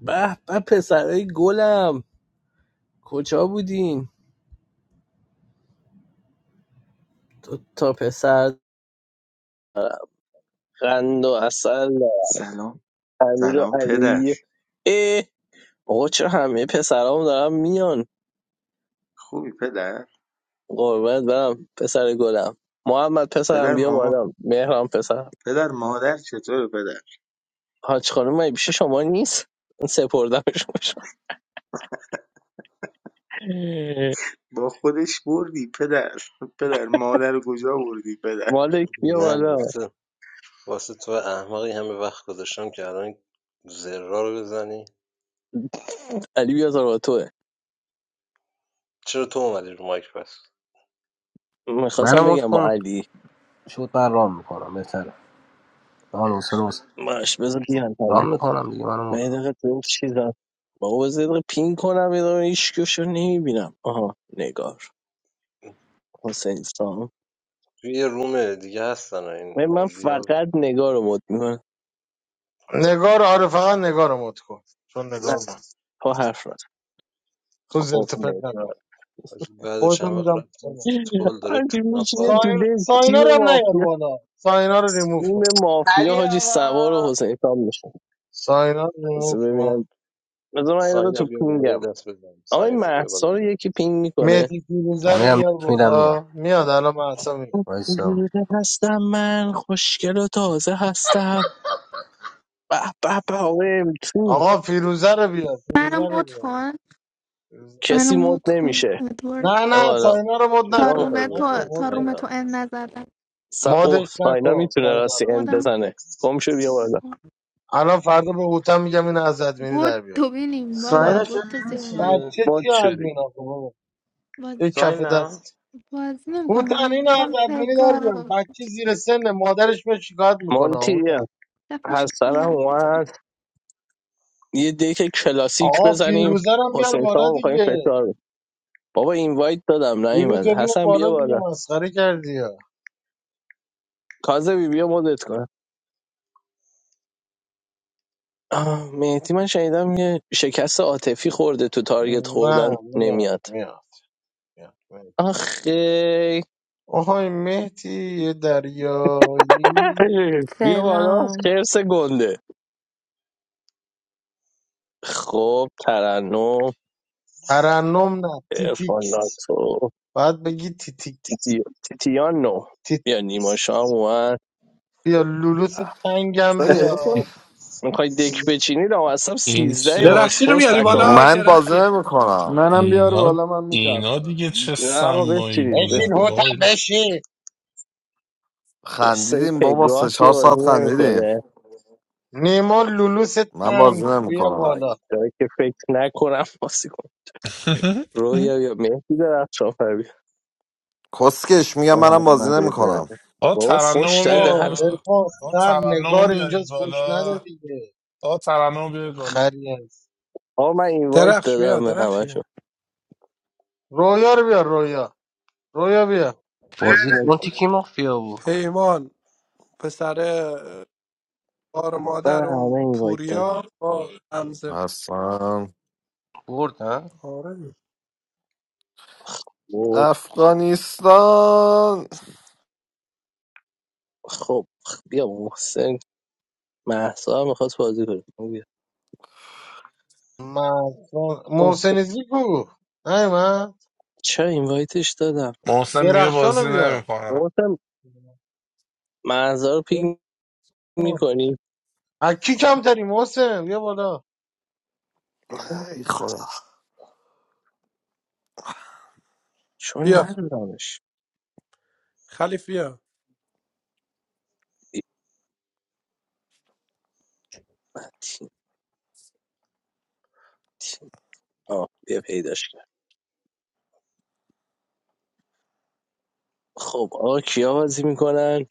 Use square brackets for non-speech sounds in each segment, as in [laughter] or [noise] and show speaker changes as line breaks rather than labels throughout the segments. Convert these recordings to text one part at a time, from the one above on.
به به پسرای گلم کجا بودین دو تا پسر دارم. قند و اصل
سلام
امیر و
سلام پدر
علی اه آقا چرا همه پسرام دارم میان
خوبی پدر
قربونت برم پسر گلم محمد پسرم
پدر
بیا
ماما
بالا مهرم پسرم
پدر مادر چطوره پدر
حاج خانم مگه پیش شما نیست سپردمش به شما
با خودش بردی پدر [laughs] پدر مادر رو کجا بردی پدر
مالک بیا
من
بالا
واسه واسه تو احمقی همه وقت گذاشتم که الان زرا رو بزنی
علی بیا زار با توه
چرا تو اومدی رو مایک پس
میخواستم
منو مت
بگم با
کن
علی
شد من رام میکنم بهتره من حوصله واسه-
ماش بذار بیان
رام میکنم دیگه منو
من
مت
یه
کن
دقیقه تو این چیزم بابا بذار یه دقیقه پین کنم یه دقیقه هیچ نمیبینم آها نگار حسین سام
توی یه روم دیگه هستن این
من من
مازیار
فقط نگار رو مد میکنم
نگار آره فقط نگار رو مد کن چون نگار
نه
بود
تا حرف نزن.
تو
خب
زرت و پرت نکن
نگار
حاجی، بعد
خودتو
چند وقت
میدم
رفتم
پایین.
فوتبال داره
هرچی
کونم
میشینه
پاره
تو
ساین
میشه
دل تیم
ساینا رو هم نیار
مافیا
بالا ساینا رو ریموف کن
تیم مافیا
علی
حاجی سوار و
آقا
حسین سام میشه
ساینا رو
بذار
ریموف کن
ببینم بذار من یه دقیقه
ساینا
تو
بیا بالا یه
پینگم
دست بزن
آقای
ساینا بیا بالا
محسا
یه
رو
دست
یکی
بزن
پینگ میکنه
مهدی فیروزه
همه
رو
هم
بیار
لینک میدم میام
بالا میاد الان من اصلا میاد
وایسا
هستم من خوشگل و تازه هستم به به به آقای m
آقا فیروزه رو بیار
I
فیروزه
am
رو
not
بیار
fun.
فیروزه.
I
کسی
am
مد
not fun.
نمیشه
Edward,
نه
بیا
نه
بالا
ساینا رو مد
چیکار
Thor,
نکن
میخوای
me,
نکن
Thor,
بکنی
مد
Thor,
نکن.
me,
ساینا
Thor, end, not that.
س... اوه
مدش
ساینا
نکن
میتونه
ساینا
راستی
رو
اند
Modern,
بزنه گم شو بیا
modern,
بالا
fun.
الان فردا به هوتم میگم این از ادمینی
But
در
do
بیار
we need
این
Baba?
ساینا
بچه
چرا
But that's it, my.
نمیشینی؟
بچه
مد
چی
شدی
ادمین آقا بابا؟
But
یه کف
ساینا
دست
what's name? Come
هوتن
on,
این از
complete
ادمینی در بیان
girl.
بچه زیر سن مادرش به شکایت میکنه
مونتی
هوتن
That fish.
از سرم
I
اومد یه دیک کلاسیک
آقا
بزنیم
فیروزه رو هم بیار
حسین
بالا
سامو میخوایم
دیگه
فشار بدیم. بابا اینوایت دادم نیومد
فیروزه بیار
حسن بیا
بالا دیگه
بالا
مسخره کردی یا
کاظمی بیا مدت کن آه، مهدی من شنیدم یه شکست عاطفی خورده تو تارگت
نه
خوردن
میاد
نمیاد
میاد میاد میاد.
آخه
آهای مهدی یه دریایی
بیا بالا
Selam.
خرس گنده خب ترنم
ترنم نه تیتیکس
افالاتو
باید بگی تیتیکس
تیتی... تیتیان نو
تیت
بیا نیما شام اومد
بیا لولوس تنگم
اصلا
بیا
نگاه کن میخوای دک
لولوس.
بچینی رو اصلا
این
سیزده
چه
درخشی رو
باسپورس
میاری
این...
تکاوه
بالا
من بازی
درخشی
نمیکنم
منم بیار
اینا
بالا من
اینا
میچرخونم
دیگه چه
نیستم
نه آقا
سمایی
بچینید
بودن
بشین
بچینید
هوتن
وای
بشین
سه
خندیدیم بابا سه
پگاه که
چهار
بازی
ساعت
نمی
خندیدیم
کنه
نیما لولوس
من
تنگ
بازی
بیا
نمیکنم
بالا
داره که فکر نکنم بازی کن
[laughs]
رویا یا مهدی در شافر بیا
کسکش میگم منم بازی
محمد ابراهیم
نمیکنم
آ
بابا فش
ترنمو
داده
با
حرف
میارین
عرفان
آ
سر
ترنمو
نگار
میارین
اینجاست فوش نده
بالا
دیگه
آ ترنمو بیارید بالا
خری هست
آقا من اینوایت
درخش بیا
دادم به
درخشی
همشون
رویا رو بیار رویا رویا بیار
بازی اون
من
تیکی مافیا بود
پیمان پسر بار مادر اون
همه اینوایت دادم
پوریا با همزه
اصلا
برد نه
آره
افغانستان
خب خب بیا محسن مهسا هم میخواست بازی کنه بگو بیا.
من
خب،
محسنیزی کو نه من
چرا اینوایتش دادم
محسن میگه
درخشان رو
بازی
بیار
نمیکنم
گفتم مهسا رو پینگ میکنی
از کی کمتری محسن بیا بالا
ای خدا
چون
بیا
ندارمش
خلیف بیا
ای، من تیم تیم آه بیا پیداش کرد خب آقا کیا بازی میکنن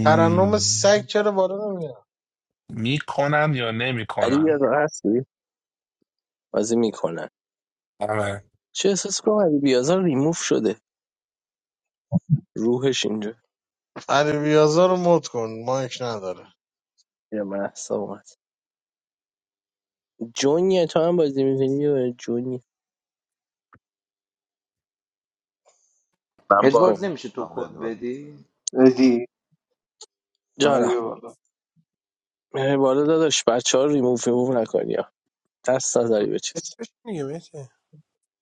ترنم سگ چرا بالا نمیاد
میکنم یا
علی
نمیکنم
بیازار هستی بازی میکنن
آره.
چه احساس کنم علی بیازار ریموف شده روحش اینجا
علی بیازا رو مد کن مایک نداره
یا مهسا اومد جونیه تو هم بازی میکنی جونی
من
خب
ادوارد
بازی
نمیشه تو
میکنم
کد
بدو
بدی؟
Isi,
جانم
Iye wala.
مهر بالا داداش بچه ها ریموف ریموف نکنی ها. دست نظری به چیز
اسمش میگه میشه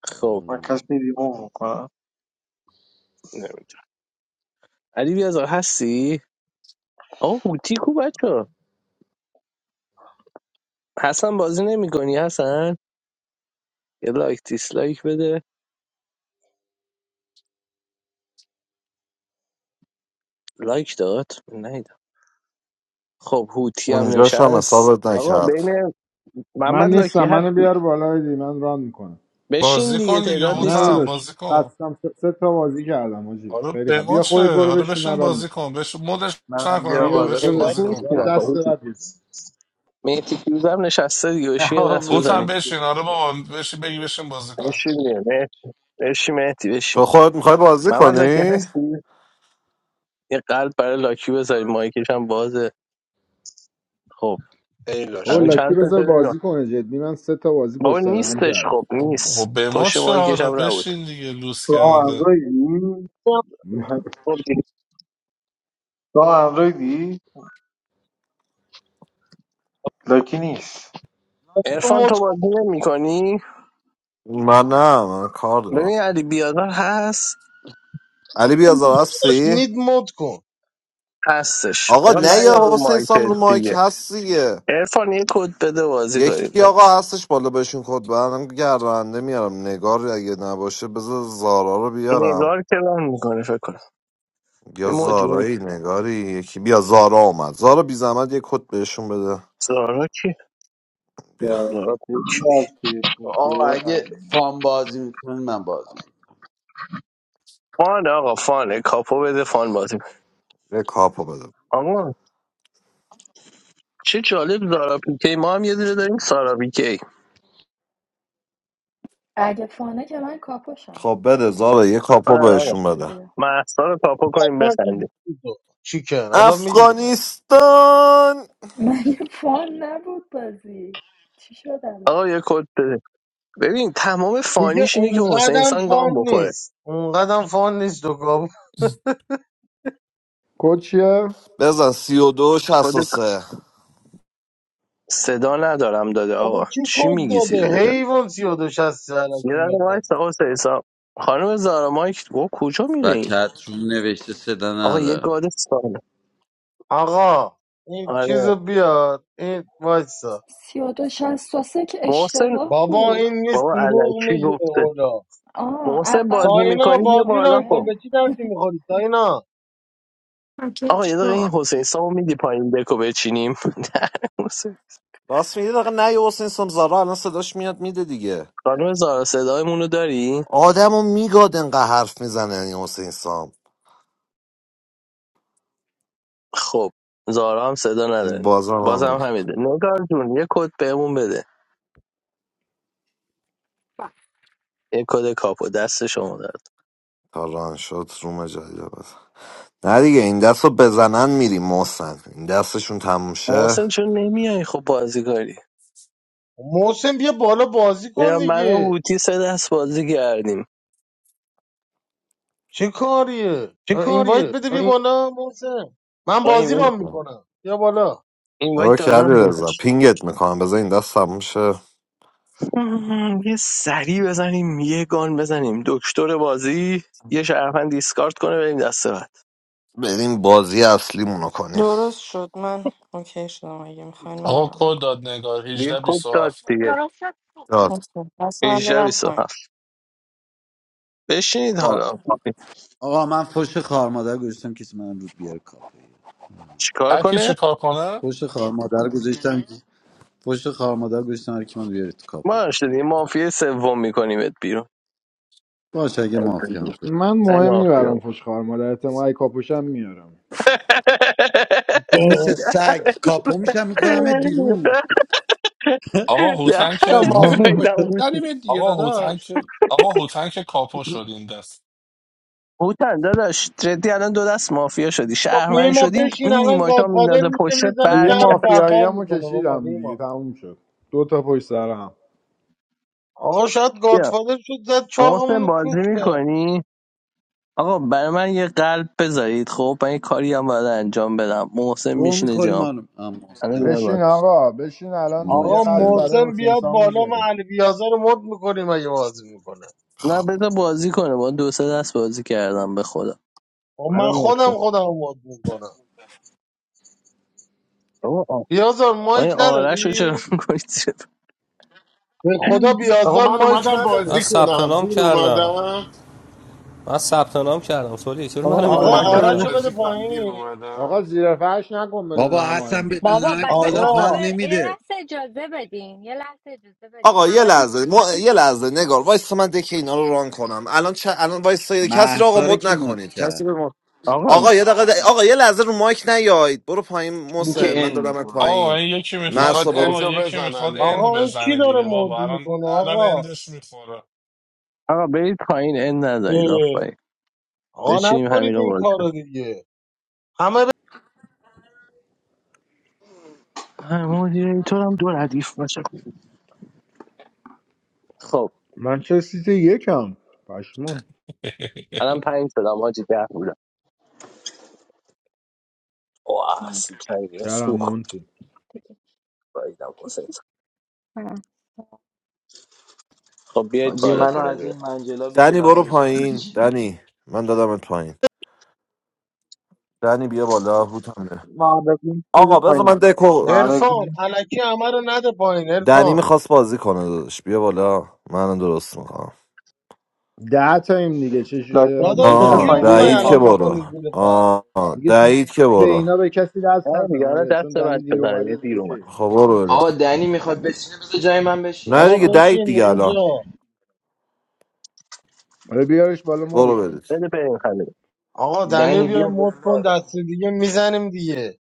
خب
Ma kasindi mo wuka.
علی بیازار هستی؟ آقا هوتی کو بچه حسن بازی نمی کنی حسن؟ یه لایک دیسلایک بده لایک داد؟ نیدم خب هوتی هم
اونجاش هم
نشست
حسابت
آقا
نکرد
بین
من
محمد لاکی
نیستم منو
هستی
بیار بالا بدی من ران میکنم
بشین
بازی
دیگه
کن دیگه
تعداد
نه
نیستی
هوتم
داداش
بازی کن
خستم سه, سه تا بازی کردم آجی
حالا
خیلی
به
خب
ما
بیا
چه
خودت برو
حالا
بشین
بشین
من ران
بازی
میکنم
کن بشین مدش
منم
نکن
بیا
آقا
بیا
بالا
بشین
تعداد
بازی
داداش
کمک
کن
نیستی
یال
هوتن
آقا
دست
کن
هوتی
بعد میزن
مهدی فیروز هم نشسته دیگه بشین یه
آه
دست
هوتم
بزنیم
من.
بشین آره بابا بشین بگی بشین بازی کن
بشین دیگه مه- بشین مهدی بشین
تو خودت میخوای بازی
محمد لاکی
کنی؟
هستی؟ یه قلب برای لاکی بذاریم مایکش هم بازه خب
ای
بابا
الان
لاشی
لاکی
چند
بذار
تا
بازی کنه جدی من سه تا بازی
بابا
پشت سر هم
نیستش
کردم
خب
خب
نیست
خب به ما
پشت
چه
مایکش
حالا
هم نبود
بشین دیگه لوس
So
کرده
Androidi,
خب دیگه
so Androidi, lakini is.
ارفان
مد
تو بازی نمی کنی؟
من نه من کار دارم
ببین علی بیادار هست
علی بیازار
کن
هستی؟
نید مد کن
هستش
آقا
آقا
نه
نه یا
یا
رو
حسین سام رو
مایکت
مایک
دیگه
هست دیگه
ارفان یه کد بده بازی کنیم
یکی
داداش
آقا هستش بالا بهشون کد بدم گردنده میارم نگار اگه نباشه بذار زارا رو بیارم
نگار که ران میکنه فکر کنم
یا
یه مدیوی
زارایی نگاری یکی بیا زارا اومد زارا بی زحمت یه کد بهشون بده
زارا کی؟
So
بیا
زارا پیکی
Androidi,
آه اگه فام بازی میکنن من بازی میکنم
فان آقا فانه کاپو بده فان بازی کنه.
یه کاپو بده
آقا چه جالب زارا پیکی ما هم یه دونه داریم سارا پیکی
اگه فانه که من کاپوشم
خب بده زارا یه کاپو
آره
اگه
آقا
بهشون بده
اینجوریه
محصا رو کاپو کنیم بخندیم
چیکن الان میگیریم
افغانستان
[laughs] مگه فان نبود بازی چی شد الان
آقا یه کد بده ببین تمام
دیگه
فانیش اینه که حسین
اونقدم
سان
فان
گام بخوره
نیست اونقدم فان نیست دوگاب
کد چیه
بزن سی و دو شست و
خودت
سه
صدا ندارم داده آقا
کی
چی
کد
میگی سی و دو
داده
شب؟
حیوان سی و دو شست
یه
علکی
دقیقه
ملت
وایسا حسین سان خانم زارا مایک و کجا میره
و
این
چتروم نوشته صدا
آقا یه
نداره
گاد سانه
آقا این
آره
چیزو بیار این وایسا
سی و دو شست و سه که
محسن
اشتباه
بابا
بود
این نیست
بابا
دروغ
الکی
میگه
گفته
اولا
آه از
محسن بازی
قبل
ساینا
میکنی
بازی
بیا
بازی
بالا
ران کن
خب
فانه
به چی دردی میخوری ساینا
get
آقا یه دقیقه این
show.
حسین سامو میدی پایین بکو بچینیم [laughs] محسن.
راست میگه دقیقه نه یه حسین سام زارا الان صداش میاد میده دیگه
خانم زارا صدایمون رو داری
آدمو میگاد انقدر حرف میزنه این حسین سام
خب زارا هم صدا نداره
بازم هم
بازم همیده نگار جون یه کد بهمون بده یه کد کاپو دست شما درد
تا ران شد روم جدید رو بزن نه دیگه این دست رو بزنن میریم محسن این دستشون تموم شه
محسن چون نمیای خب بازی کاری
محسن بیا بالا بازی
یا
کن
من و
دیگه
هوتی سه دست بازی کردیم
چه کاریه اینوایت
چیکاریه؟
بده بیا بالا محسن من
آقا
بازی
این
ران میکنم بیا بالا
اینوایت
آقا که علی
دادم
رضا
بهش
پینگت میکنم بذار این دست تموم شه
مم، یه سری بزنیم یه گان بزنیم دکتر بازی یه شرفن دیسکارد کنه بریم دسته بعد
بریم بازی اصلیمون رو کنیم
درست شد من. Okay, shudam I gim find my
آقا
rank.
کد داد نگار
دیگه
18
کد داد
27
دیگه
درست شد.
داد.
Okay.
18
Aslamiram pay.
27 بشینید
آه
حالا
آقا من فش خار مادر گذاشتم کسی من امروز بیاره کاپوی
چیکار
هر کی چه
کنه
کار کنه
فش خار مادر گذاشتم که- فش خار مادر گذاشتم هر کی من بیاره تو
ما
کاپوی
هم شدیم مافیا سوم میکنیمت بیرون
باشه اگه مافیا هم شد
من
ای
مهم نی
مافیا
برام پشت خواهر مادر احتمال اگه کاپوشم میارم
خب
[laughs]
مثل سگ کاپو میشم میکنم
[laughs]
بیرون [laughs]
آقا هوتن
یا
که
دهنتو
مافیا
[laughs]
باشی
گاییدم هوتی
زنیم دیگه
آقا هوتن
داداش
که آقا هوتن که کاپو شد این دست
هوتن داداش جدی الان دو دست مافیا شدی
خب
شهرمن
نیما
شدی
بشین
این
الان
نیماشا
گادفادر
میندازه
میشه
پشتت
میزنه
دیگه
شهر
برکردیم
رو
مافیایی
پرپر
همو
میکنه بابا
کشیدم دیگه
نیما
تموم شد دو تا پشت سر هم.
آقا شاید گادفادر شد زد چاقمون
محسن
رو
بازی
چوخ کرد
میکنی آقا برای من یه قلب بذارید خب من یه کاری هم باید انجام بدم محسن
گوه
میشینه
میخوری
جام
ما رو. آه،
الان
محسن
یه
میخواه
بشین
بار.
بشه
آقا بشین الان یه
آقا
قلب
محسن
برای
محسن
حسین
بیاد
سام
بالا من
میذاریم
علی بیازار رو مد میکنیم اگه بازی میکنه
نه بذار بازی کنه با دو سه دست بازی کردم به خدا
خب من
الان محسن
خودم خودم رو مد میکنم
آقا آ-
بیازار مایک
آقا آرش رو چرا
نداری؟
میکنید
به خدا بیازار
Roman, what
مایک
about
من
you?
نداره
ثبت
Do
نام
you want
کردم
to?
من ثبت نام کردم سولی چرا منو
آقا
میکنی
آرش
Roman,
آقا
زیر
رو
what
آرش رو
بده
about
بده
فرد
you? Do you
پایین
want
آقا
to?
زیر فرش نکن بدون
بابا حسن
هماهنگی
بدون
بابا ب...
من
ب-
کالاف
آقا ب...
حال
آقا
یه
نمیده
لحظه اجازه بدین یه لحظه اجازه بدین
آقا یه
همتون
لحظه ما- یه لحظه نگار وایس من دکه اینا رو ران کنم الان چه الان وایس کسی رو آقا
محسا رو
مد
کی موت
نکنید کسی
کرد
رو مد...
آقا
آقا یه دقیقه د- آقا یه لحظه رو مایک نیاید برو پایین
این
محسن
که
من
ان
دادمت
میخوره
آقا
پایین
این یکی
You
میخواد
can
مرسا برو
آقا
end up with
یکی
an
میخواد
آقا
ender.
اند
این کی
بزنه
داره
دیگه
مد
بابا الان
میکنه
الان
آقا
اندش میخوره
آقا برید پایین این نزنید
اه.
آفرین
آقا
بچینیم
نکنید
همین رو
این
بازی
کارو دیگه همه
مدیریتور هم دو ردیف باشه خب
من چه سیت یکم پشمون
[laughs]
الان پنج شدم حاجی ده بودم واه
نه،
سیکنگی
شهرم
سوخت
مونتی
دیگه-
بایدم
دیگه
حسین
چی؟ آه.
خب بیایید
حاجی
بالا
منو
دونه
از
دونه
این منجلابی که
دنی برو
بغلشم
پایین
بکشید بیرون.
دنی من دادمت پایین دنی بیا بالا هوتم بیا.
ma lakini is e
آقا بذار من
fine.
دکو
Ma
ارفان
lakini,
علکی همه رو نده پایین
دنی
ارفان
میخواست بازی کنه داداش بیا بالا من درست میکنم
ده تایم دیگه چش... اه،
lakini is
دیگه
داداش
e
کیو
آه
دنی
fine
دیر
میخوای
e
دعید که
phone
الان
اومده
wala.
برو
بکنی زیر فرد
آه
دیگه تو
دعید که
به
برو
اینا به کسی دست
آره دیگه
نزن
حالا
آره چون
دست
دنی
بعد
دیر
بزنه دیگه
اومده
دیر اومد
اوکی
خب برو بریم
آقا دنی میخواد بشینه بذار جای من بشین
نه
بابا
دیگه
اشکال
دعید
نداره
بشین
دیگه
من
الان
اینجا
اوکی
حالا بیارش بالا
برو
مودش کن
برید
بده بریم خنده
آقا دنیا
دنی
بیا
بیا
مد کن دست
بالا
دیگه میزنیم دیگه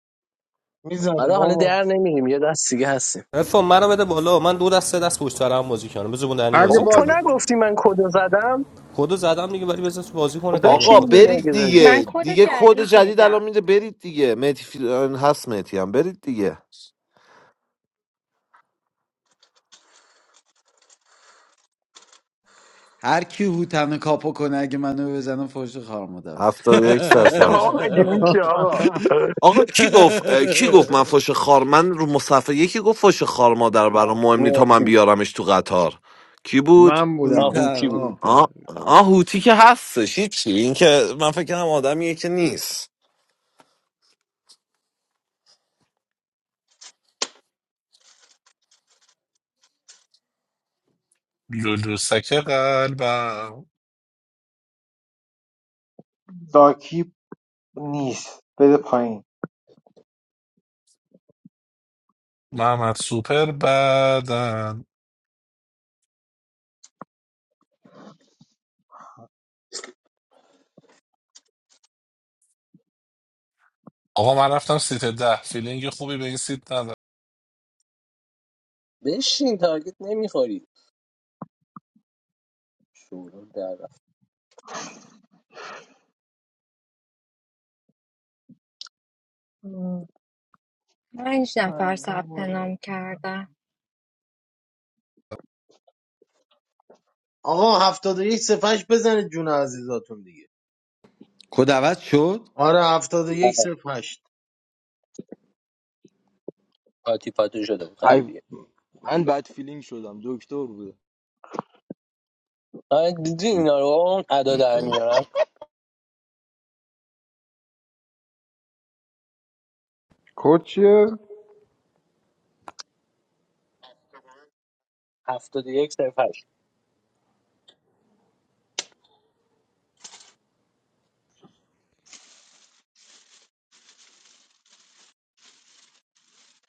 میزنیم
آره حالا
آقا
در نمیریم یه دست دیگه هستیم
افا منو بده بالا من دو دست سه دست پشت هم بازی کنم بذار دنی
اگه
بازی
بابا تو
کنه
باز
نگفتی من کدو زدم
کدو زدم دیگه ولی بذار تو بازی کنه دنی
آقا
بشین
میخواد
دیگه
بشین
برید
اگه زدی
من
دیگه
کد
دیگه کد
جدید
جدید الان
میدم
میده برید دیگه مهدی فی- هست مهدی هم برید دیگه
هر کی هوتن کاپو کنه اگه منو بزنه فوش خار مادر بشه.
هفتاد و
[laughs]
یک
بابا مگه میشه
[laughs]
آقا [laughs]
آقا کی گفت اه، کی گفت من
[laughs]
فش خار من رو مصفحه یکی گفت فش خار مادر برام مهم نی تا من
مهدی
بیارمش تو قطار کی بود
من بودم
آهوتی
هوتن
بود
آه.
هوتن
آه آه هوتی که هستش هیچی این که من فکر کنم آدمیه که نیست
لولوسک قلبم
Daki ni is e fine.
محمد سوپر بدن آقا من رفتم سیت ده فیلینگ خوبی به این سیت
بشین تارگت نمیخوری شروع در رفت
Hmm,
پنج
I
نفر
don't
ثبت
wala.
نام کردن
آقا هفتاد و یک صفحش بزنید جون عزیزاتون دیگه
کد عوض شد
آره هفتاد و یک
آره،
صفحش
پاتی پاتو شده بود
ای
قبلیه
من بد فیلینگ شدم دکتر بود
آره دیدی اینا رو اون ادا در میارن
کد چیه
71 صرف 8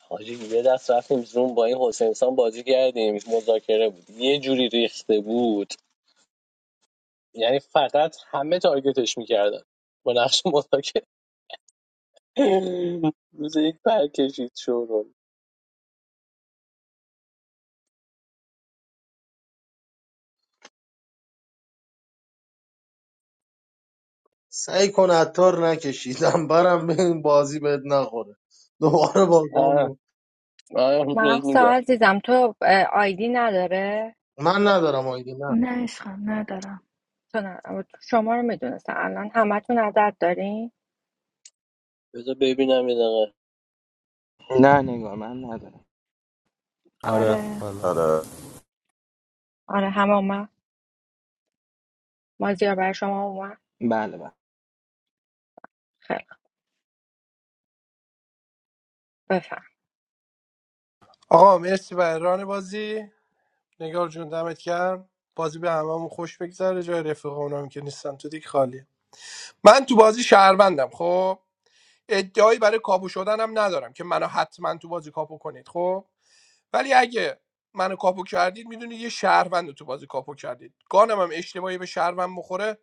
حاجی یه دست رفتیم زوم با این حسین سان بازی کردیم مذاکره بود یه جوری ریخته بود یعنی فقط همه تارگتش میکردن با نقش مذاکره روز یک پرکشید شورون
سعی کن عطار نکشیدم برم به این بازی بهت نخوره دوباره
آه
باگامو
آه راست
محسا
میگم
عزیزم تو اه، آیدی نداره
من ندارم آیدی نه
نه عشقم ندارم
کنم اما شما رو میدونستم الان همتون عدد دارین
بذار ببینم یه دقیقه
نه نگاه من ندارم
آره
آره
والا
آره
آره همه اومد مازیار برای شما اومد
بله بله
خیلی خوب. بفهم
آقا مرسی برای ران بازی نگار جون دمت گرم بازی به هممون خوش بگذره جای رفیق اونام که نیستن تو دیگه خالیه من تو بازی شهروندم خب ادعایی برای کاپو شدنم ندارم که منو حتما تو بازی کاپو کنید خب ولی اگه منو کاپو کردید میدونی یه شهروند رو تو بازی کاپو کردید گانم هم اشتباهی به شهروند بخوره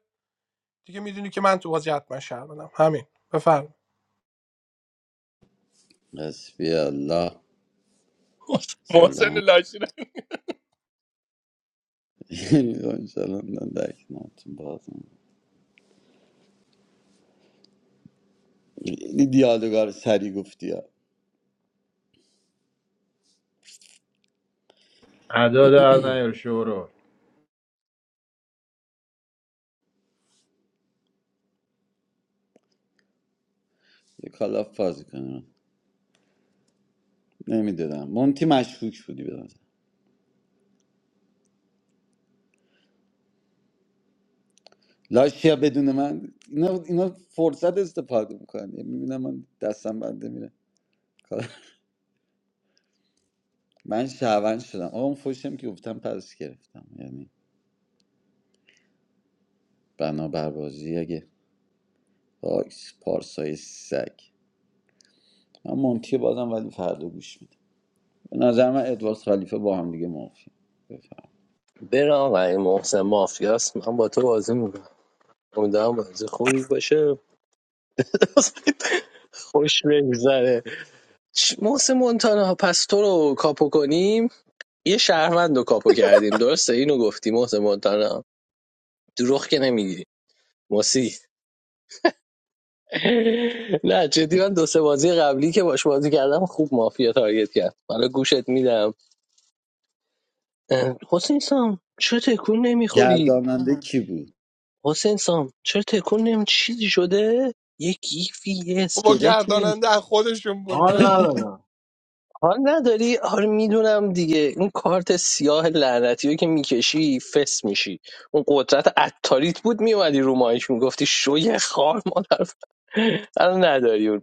دیگه میدونی که من تو بازی حتما شهروندم همین بفرمایید
حسبی الله
محسن
سلام
لاشی
[laughs] انشالله من در کنارتون بازم این دیالوگا رو سری گفتی ها
ادا در نیار شورو
یه کالاف بازی کنم نمیدونم مونتی مشکوک بودی بدم لاشیا بدون من اینا, اینا فرصت استفاده میکنن میبینم من دستم بنده میره [laughs] کار. من شهروند شدم آقا اون فوشم که گفتم پرش گرفتم یعنی بنابر بازی اگه باکس پارسای سگ من مونتی بازم ولی فردا گوش میدم به نظر من ادوارد خلیفه با هم دیگه موافقیم. بفهم
برم آقای محسن مافیاس. من با تو بازی میکنم امیدوارم بازی خوبی باشه [laughs] خوش بگذره محسن مونتانا پس تو رو کاپو کنیم یه شهروند رو کاپو کردیم درسته اینو گفتی محسن مونتانا دروغ که نمیگی موسی [laughs] نه جدی من دو سه بازی قبلی که باش بازی کردم خوب مافیا تارگت کرد حالا گوشت میدم اه، حسین سام چرا تکون نمیخوری
گرداننده کی بود
حسین سام چرا تکون نمی چیزی شده یه گیفی یه
با
اسکلتی
گرداننده از خودشون
حال
بلاش
ندارم
حال نداری آره میدونم دیگه اون کارت سیاه لعنتی رو که میکشی فس میشی اون قدرت عطاریت بود میومدی رو مایش میگفتی شوی خار مادر الان نداری اونو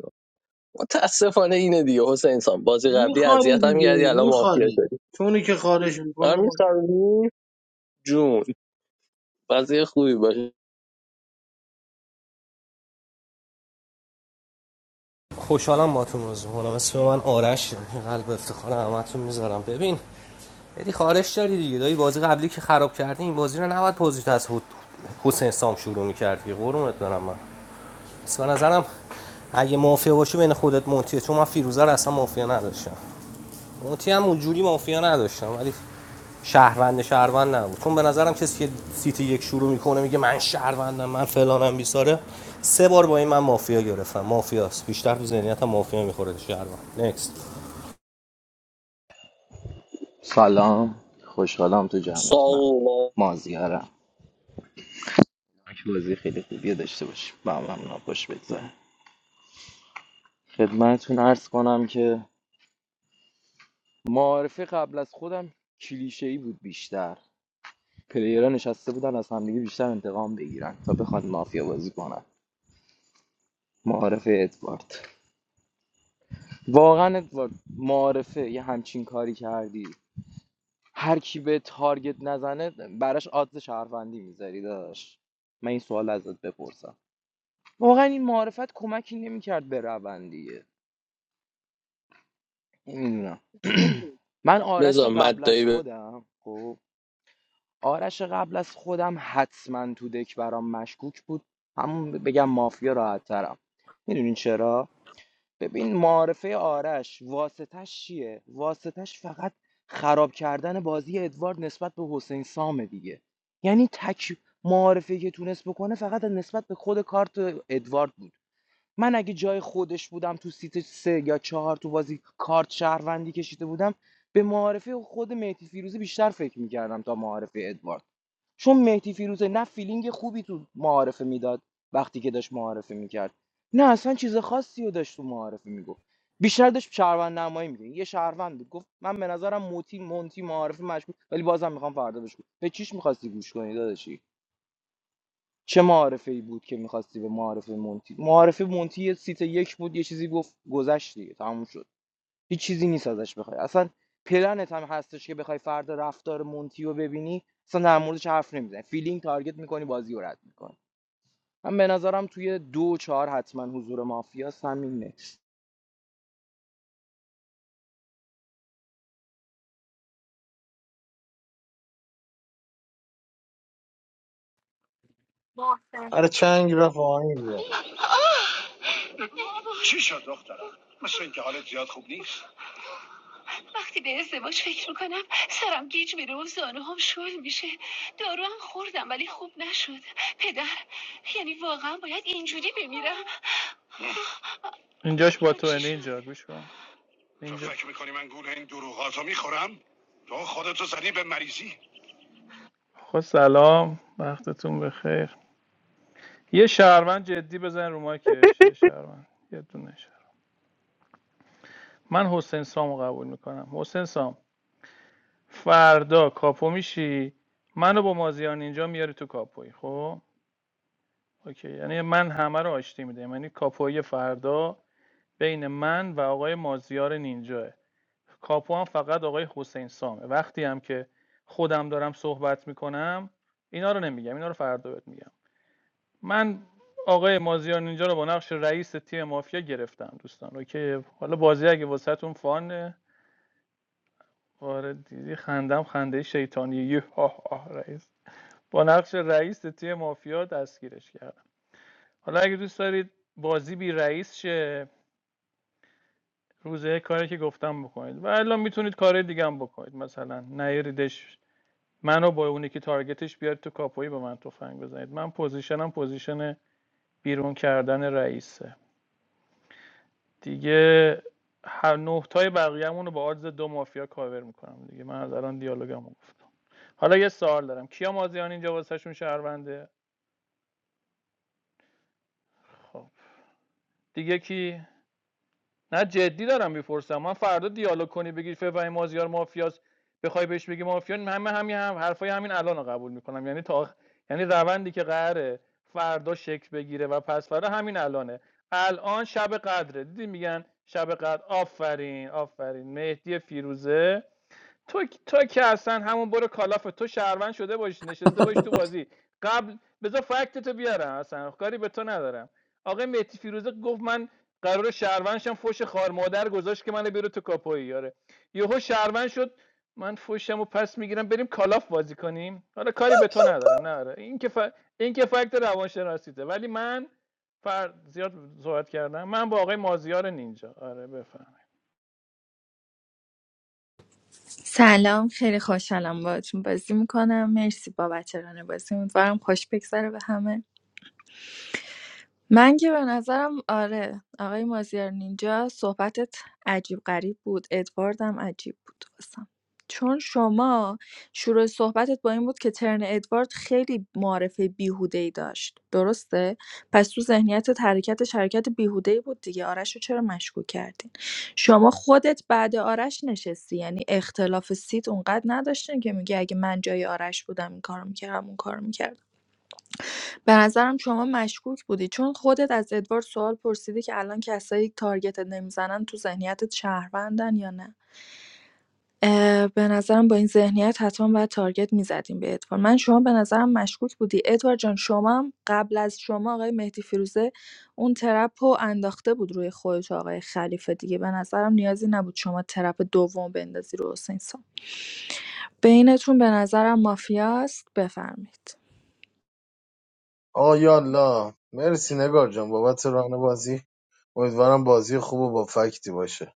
متاسفانه اینه دیگه حسین سان بازی قبلی
میخوری
اذیت هم کردی
دیگه
الان مافیا
میخوری
شدی
چونی که خارج
من
میکنه
میسرمی جون بازی خوبی باشه
خوشحالم باهاتون بازی کنم اسم من آرش قلب افتخار همتون میذارم ببین یعنی خارش داری دیگه دایی بازی قبلی که خراب کردی این بازی رو نباید پوزیت از حد- حسین سام شروع می‌کرد که قرونت برم من اصلا به نظرم اگه مافیا باشی بین خودت مونتیه چون من فیروزه رو اصلا مافیا نداشتم مونتی هم اونجوری مافیا نداشتم ولی شهروند شهروند نبود چون به نظرم کسی که سیتی یک شروع میکنه میگه من شهروندم من فلانم بیساره سه بار با این من مافیا گرفتم مافیاست بیشتر تو ذهنیتم مافیا میخوره شهروند نکست
سلام خوشحالم تو جمعتونم
ساو
مازیارم یک بازی خیلی خوبیه داشته باشیم با هم هم خوش بگذره خدمتتون عرض کنم که معارفه قبل از خودم کلیشه ای بود بیشتر پلیرها نشسته بودن از همدیگه بیشتر انتقام بگیرن تا بخوان مافیا بازی کنن معارفه ادوارد واقعا ادوارد معارفه یه همچین کاری کردی هر کی به تارگت نزنه براش آدز شهروندی میذاری داشت من این سوال ازت بپرسم واقعا این معارفت کمکی نمیکرد به روندیه نمیدونم [clears throat] من آرش
بذار
قبل از
مدایی به
خودم خب آرش قبل از خودم حتما تو دک برام مشکوک بود همون بگم مافیا راحت ترم میدونین چرا ببین معارفه آرش واسطش چیه واسطش فقط خراب کردن بازی ادوارد نسبت به حسین سامه دیگه یعنی تک معارفه که تونست بکنه فقط نسبت به خود کارت ادوارد بود من اگه جای خودش بودم تو سیت سه یا چهار تو بازی کارت شهروندی کشیده بودم به معارفه خود مهدی فیروزی بیشتر فکر میکردم تا معارفه ادوارد چون مهدی فیروزه نه فیلینگ خوبی تو معارفه میداد وقتی که داشت معارفه میکرد نه اصلا چیز خاصی رو داشت تو معارفه میگفت بیشتر داشت شهروند نمایی میگه یه شهروند بود گفت من به نظرم موتی مونتی معارفه مشکوک ولی بازم میخوام فردا بهش گوش- به چیش میخواستی گوش کنی داداشی چه معارفه ای بود که میخواستی به معارفه مونتی معارفه مونتی یه سیت یک بود یه چیزی گفت گذشت دیگه تموم شد هیچ چیزی نیست ازش بخوای اصلا پلنت هم هستش که بخوای فردا رفتار مونتی رو ببینی اصلا در موردش حرف نمیزنی فیلینگ تارگت میکنی بازی رو رد میکنی من به نظرم توی دو چهار حتما حضور مافیا همین نکس
محسن
آره چنگ رفت آهنگ بیا
چی شد دخترم مثل اینکه حالت زیاد خوب نیست وقتی به ازدواج فکر میکنم سرم گیج میره و زانو هم شل میشه دارو هم خوردم ولی خوب نشد پدر یعنی واقعا باید اینجوری بمیرم اینجاش با تو چی شد اینجا گوش کن تو فکر میکنی من گول این دروغاتو میخورم تو خودتو زنی به مریضی خب سلام وقتتون بخیر یه شهروند جدی بزن رو مایکش یه شهروند یه دونه شهروند. من حسین سامو قبول میکنم حسین سام فردا کاپو میشی منو با مازیار نینجا میاری تو کاپوی خب اوکی یعنی من همه رو آشتی میده یعنی کاپوی فردا بین من و آقای مازیار نینجاه کاپو هم فقط آقای حسین سامه وقتی هم که خودم دارم صحبت میکنم اینا رو نمیگم اینا رو فردا بهت میگم من آقای مازیار نینجا رو با نقش رئیس تیم مافیا گرفتم دوستان اوکی حالا بازی اگه واسهتون فانه آره دیدی خندم خنده شیطانی یه ها ها رئیس با نقش رئیس تیم مافیا دستگیرش کردم حالا اگه دوست دارید بازی بی رئیس شه روزه کاری که گفتم بکنید و الان میتونید کار دیگه هم بکنید مثلا نیریدش منو با اونی که تارگتش بیاد تو کاپوی به من تفنگ بزنید من پوزیشنم پوزیشن بیرون کردن رئیسه دیگه هر نهتای بقیه‌مون رو با آدز دو مافیا کاور میکنم دیگه من از الان دیالوگمو گفتم حالا یه سوال دارم کیا مازیان اینجا واسهشون شهرونده خب دیگه کی نه جدی دارم میپرسم من فردا دیالوگ کنی بگی فوای مازیار مافیاست بخوای بهش بگی مافیا همه همین هم حرفای همین الان قبول میکنم یعنی تا یعنی روندی که قراره فردا شکل بگیره و پس فردا همین الانه الان شب قدره دیدی میگن شب قدر آفرین آفرین مهدی فیروزه تو تو که اصلا همون برو کالاف تو شهروند شده باشی نشسته باشی تو بازی قبل بذار فکت تو بیارم اصلا خب کاری به تو ندارم آقای مهدی فیروزه گفت من قرار شهروندشم فوش خار مادر گذاشت که منو بیرو تو کاپوی یاره یهو شهروند شد من فوشم و پس میگیرم بریم کالاف بازی کنیم حالا کاری به تو ندارم نه آره. این که ف... این که فکت روانشناسیته ولی من فر... زیاد صحبت کردم من با آقای مازیار نینجا آره بفهم
سلام خیلی خوشحالم باهاتون بازی میکنم مرسی بابت ران بازی امیدوارم خوش بگذره به همه من که به نظرم آره آقای مازیار نینجا صحبتت عجیب غریب بود ادوارد هم عجیب بود واسم چون شما شروع صحبتت با این بود که ترن ادوارد خیلی معرفه بیهوده ای داشت درسته پس تو ذهنیتت حرکتش حرکت بیهوده ای بود دیگه آرش رو چرا مشکوک کردین شما خودت بعد آرش نشستی یعنی اختلاف سیت اونقدر نداشتین که میگه اگه من جای آرش بودم این کارو میکردم اون کارو میکردم به نظرم شما مشکوک بودی چون خودت از ادوارد سوال پرسیدی که الان کسایی که تارگتت نمیزنن تو ذهنیتت شهروندن یا نه اه، به نظرم با این ذهنیت حتما باید تارگت میزدیم به ادوارد من شما به نظرم مشکوک بودی ادوارد جان شما هم قبل از شما آقای مهدی فیروزه اون ترپ رو انداخته بود روی خودت آقای خلیفه دیگه به نظرم نیازی نبود شما ترپ دوم بندازی رو حسین سام بینتون به نظرم مافیاست بفرمایید
آقا یالا مرسی نگار جان بابت ران بازی امیدوارم بازی خوب و با فکتی باشه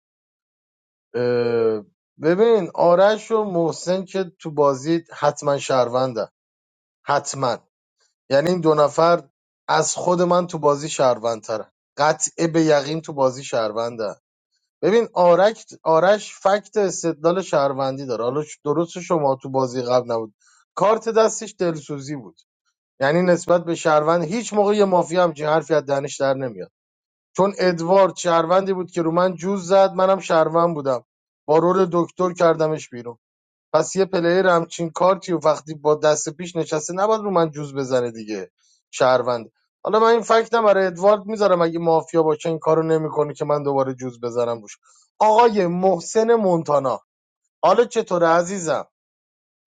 اه، ببین آرش و محسن که تو بازی حتما شهروندن حتما یعنی این دو نفر از خود من تو بازی شهروندترن قطع به یقین تو بازی شهروندن ببین آرک آرش فکت استدلال شهروندی داره حالا درست شما تو بازی قبل نبود کارت دستش دلسوزی بود یعنی نسبت به شهروند هیچ موقع یه مافیا همچین حرفی از دهنش در نمیاد چون ادوارد شهروندی بود که رو من جوز زد منم شهروند بودم با رول دکتر کردمش بیرون پس یه پلیر همچین کارتی و وقتی با دست پیش نشسته نباید رو من جوز بزنه دیگه شهروند حالا من این فکتم برای ادوارد میذارم اگه مافیا باشه این کارو نمیکنه که من دوباره جوز بزنم روش آقای محسن مونتانا حالا چطوره عزیزم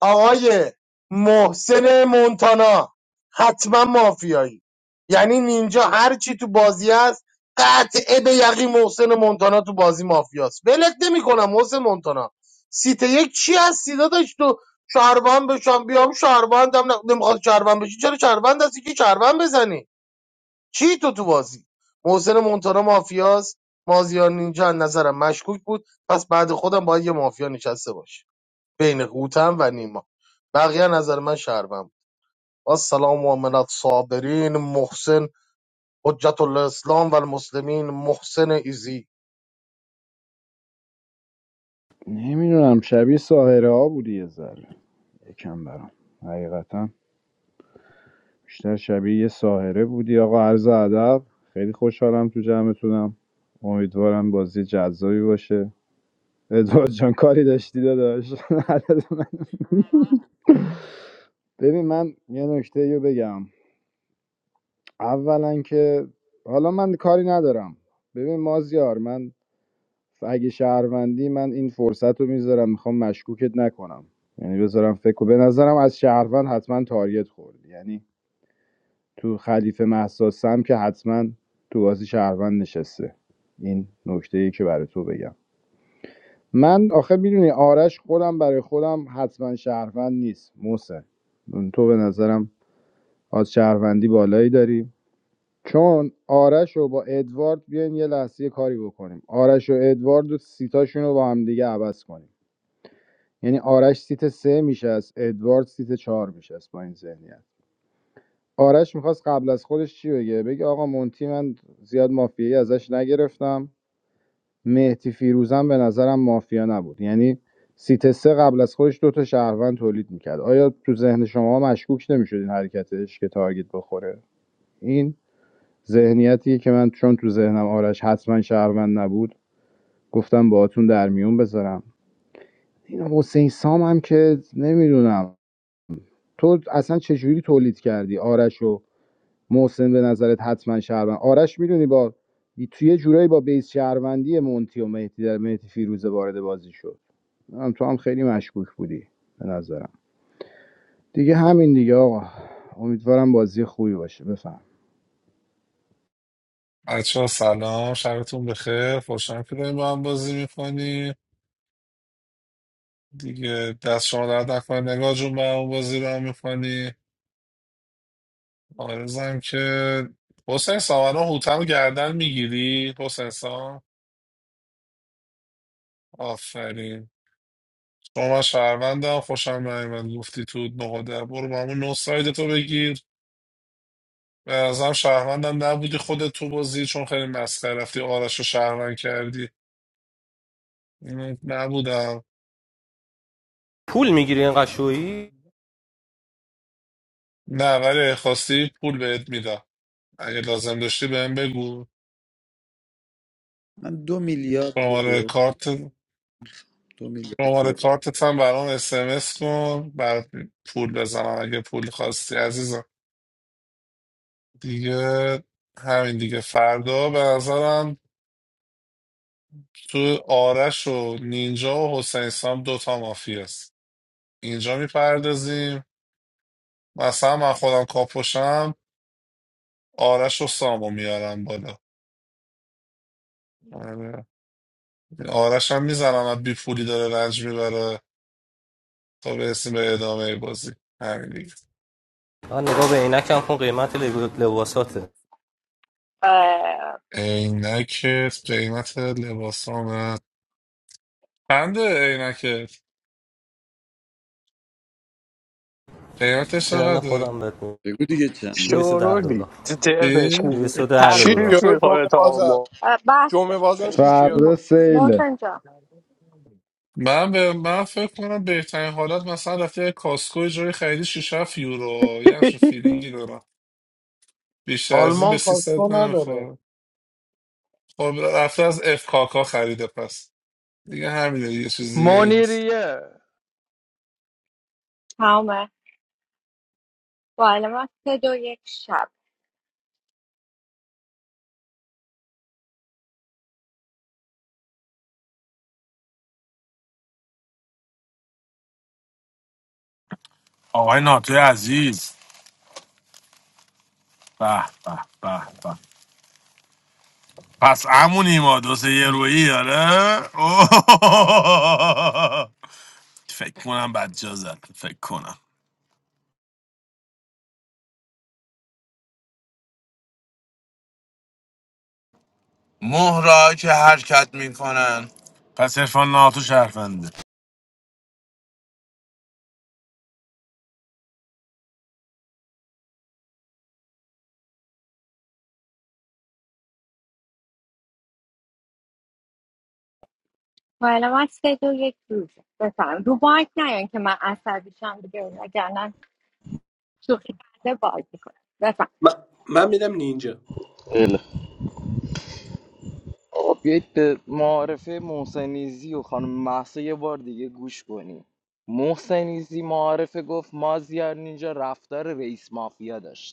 آقای محسن مونتانا حتما مافیایی یعنی نینجا هر چی تو بازی است قطعه به یقین محسن مونتانا تو بازی مافیاست ولت نمی‌کنم محسن مونتانا سیت یک چی هستی داداش تو شهروند بشم بیام شهروندم نمیخواد شهروند بشی چرا شهروند هستی که شهروند بزنی چی تو تو بازی محسن مونتانا مافیاست مازیار نینجا از نظرم مشکوک بود پس بعد خودم باید یه مافیا نشسته باشه بین هوتن و نیما بقیه نظر من شهروند السلام و من الصابرین محسن حجت الاسلام و المسلمین محسن ایزی
نمیدونم شبیه ساهره ها بودی یه ذره. یکم برام حقیقتا بیشتر شبیه یه ساهره بودی آقا عرض ادب خیلی خوشحالم تو جمعتونم امیدوارم بازی جذابی باشه ادوارد جان کاری داشتی داداش [laughs] ببین من یه نکته رو بگم اولا که حالا من کاری ندارم ببین مازیار من اگه شهروندی من این فرصت رو میذارم میخوام مشکوکت نکنم یعنی بذارم فکر و به نظرم از شهروند حتما تارگت خورد یعنی تو خلیفه مهسا سم که حتما تو بازی شهروند نشسته این نکته که برای تو بگم من آخه میدونی آرش خودم برای خودم حتما شهروند نیست محسن تو به نظرم از شهروندی بالایی داری چون آرش رو با ادوارد بیاین یه لحظه کاری بکنیم آرش و ادوارد و سیتاشون رو با هم دیگه عوض کنیم یعنی آرش سیت سه میشه از ادوارد سیت چهار میشه با این ذهنیت آرش میخواست قبل از خودش چی بگه بگه آقا مونتی من زیاد مافیایی ازش نگرفتم مهدی فیروزم به نظرم مافیا نبود یعنی سیت سه قبل از خودش دوتا تا شهروند تولید میکرد آیا تو ذهن شما مشکوک نمیشد این حرکتش که تارگت بخوره این ذهنیتیه که من چون تو ذهنم آرش حتما شهروند نبود گفتم باهاتون در میون بذارم این حسین سام هم که نمیدونم تو اصلا چجوری تولید کردی آرش رو محسن به نظرت حتما شهروند آرش میدونی با توی یه جورایی با بیس شهروندی مونتی و مهدی در مهدی فیروزه وارد بازی شد هم تو هم خیلی مشکوک بودی به نظرم دیگه همین دیگه آقا امیدوارم بازی خوبی باشه بفهم
بچه ها سلام شبتون بخیر خوشحالم که داریم با هم بازی میکنی دیگه دست شما درد نکنه نگاه جون با هم بازی رو هم میکنی آرزم که حسین سام الان هوتن رو گردن میگیری حسین سام آفرین شما من شهروندم خوشم نیومد گفتی تو نقاده برو با همون نه ساید تو بگیر به نظرم شهروندم نبودی خودت تو بازی چون خیلی مسخره رفتی آرش رو شهروند کردی اینو نبودم
پول میگیری اینقدر شویی
نه ولی خواستی پول بهت میدم اگه لازم داشتی بهم بگو
من دو میلیارد
شماره
یورو
کارت
دو میلیارد
شماره
یورو
کارتت هم برام اس ام اس کن برات پول بزنم اگه پول خواستی عزیزم دیگه همین دیگه فردا به نظرم تو آرش و نینجا و حسین سام دوتا مافی است اینجا میپردازیم مثلا من خودم کاپوشم آرش و سامو میارم بالا آره. آرش هم میزنم بی پولی داره رنج میبره تا برسیم به ادامه بازی همین دیگه
من نگاه به عینکم کن قیمت لب- لباساته
اه،
عینکت قیمت لباس آمد چنده عینکت قیمتش
ترن
چقدره
خودم بهت میگم
بگو دیگه چنده
دویست و ده
شورولی
دلار
تو ترنش
چی؟
میگه
دویست و ده
شیش
دلار
تخفیف
یورو
میخوره
جمعه
تا
بازار
ما
اه، بس
جمعه بازار شیش
م-
فردا
یورو
سیله
محسن جان
من به من فکر کنم بهترین حالت مثلا رفتی یه کاسکو جای خریدی 6 7 یورو یه همچین فیلینگی دارم بیشتر از این به
آلمان کاسکو
300
نداره
نمیخوره خب رفته از اف کاکا خریده پس دیگه همینه دیگه چیز دیگه ای نیست
منیریه
تمامه با علامت سه دو یک شب
آقای آقای ناتوی عزیز به به به به پس امونی ما دو سه یه رویی آره اوه. فکر کنم بجا زد فکر کنم مهرا که حرکت میکنن پس عرفان ناتو شرفنده
با علامت سه دو یک روز بفهم رو بانک نیان که من عصبیشم دیگه وگرنه شوخی کرده باز میکنم بفهم
من, من میدم نینجا
خب، بیایید به معارفه محسنیزی و خانم محسا یه بار دیگه گوش کنیم محسنیزی معارفه گفت مازیار نینجا رفتار رئیس مافیا داشت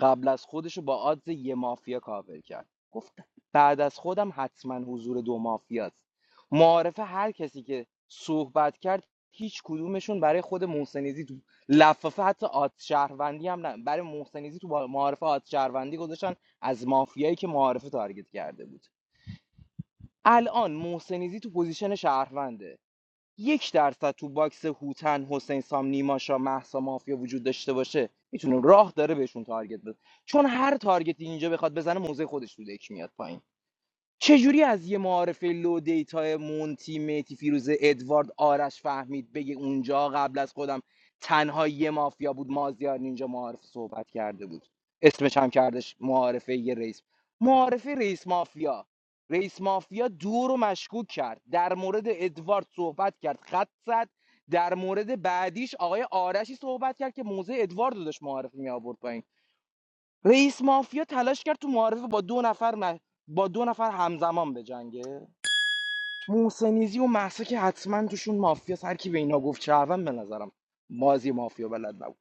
قبل از خودشو با آدز یه مافیا کاور کرد گفت بعد از خودم حتما حضور دو مافیاست معارفه هر کسی که صحبت کرد هیچ کدومشون برای خود محسنیزی تو لفافه حتی آد شهروندی هم نه برای محسنیزی تو با- معارفه آد شهروندی گذاشتن از مافیایی که معارفه تارگت کرده بود الان محسنیزی تو پوزیشن شهرونده یک درصد تو باکس هوتن حسین سام نیماشا مهسا مافیا وجود داشته باشه میتونه راه داره بهشون تارگت بزنه چون هر تارگتی اینجا بخواد بزنه موزه خودش تو دک میاد پایین چجوری از یه معارفه لو دیتا مونتی میتی فیروز ادوارد آرش فهمید بگه اونجا قبل از خودم تنها یه مافیا بود مازیار اینجا معارف صحبت کرده بود اسمش هم کردش معارفه یه رئیس معارفه رئیس مافیا رئیس مافیا دو رو مشکوک کرد در مورد ادوارد صحبت کرد خط زد در مورد بعدیش آقای آرشی صحبت کرد که موزه ادوارد رو داشت معارفه می آورد رئیس مافیا تلاش کرد تو معارفه با دو نفر م- با دو نفر همزمان بجنگه موسنیزی و محسا که حتما توشون مافیا هر کی به اینا گفت شهروند به نظرم بازی مافیا بلد نبود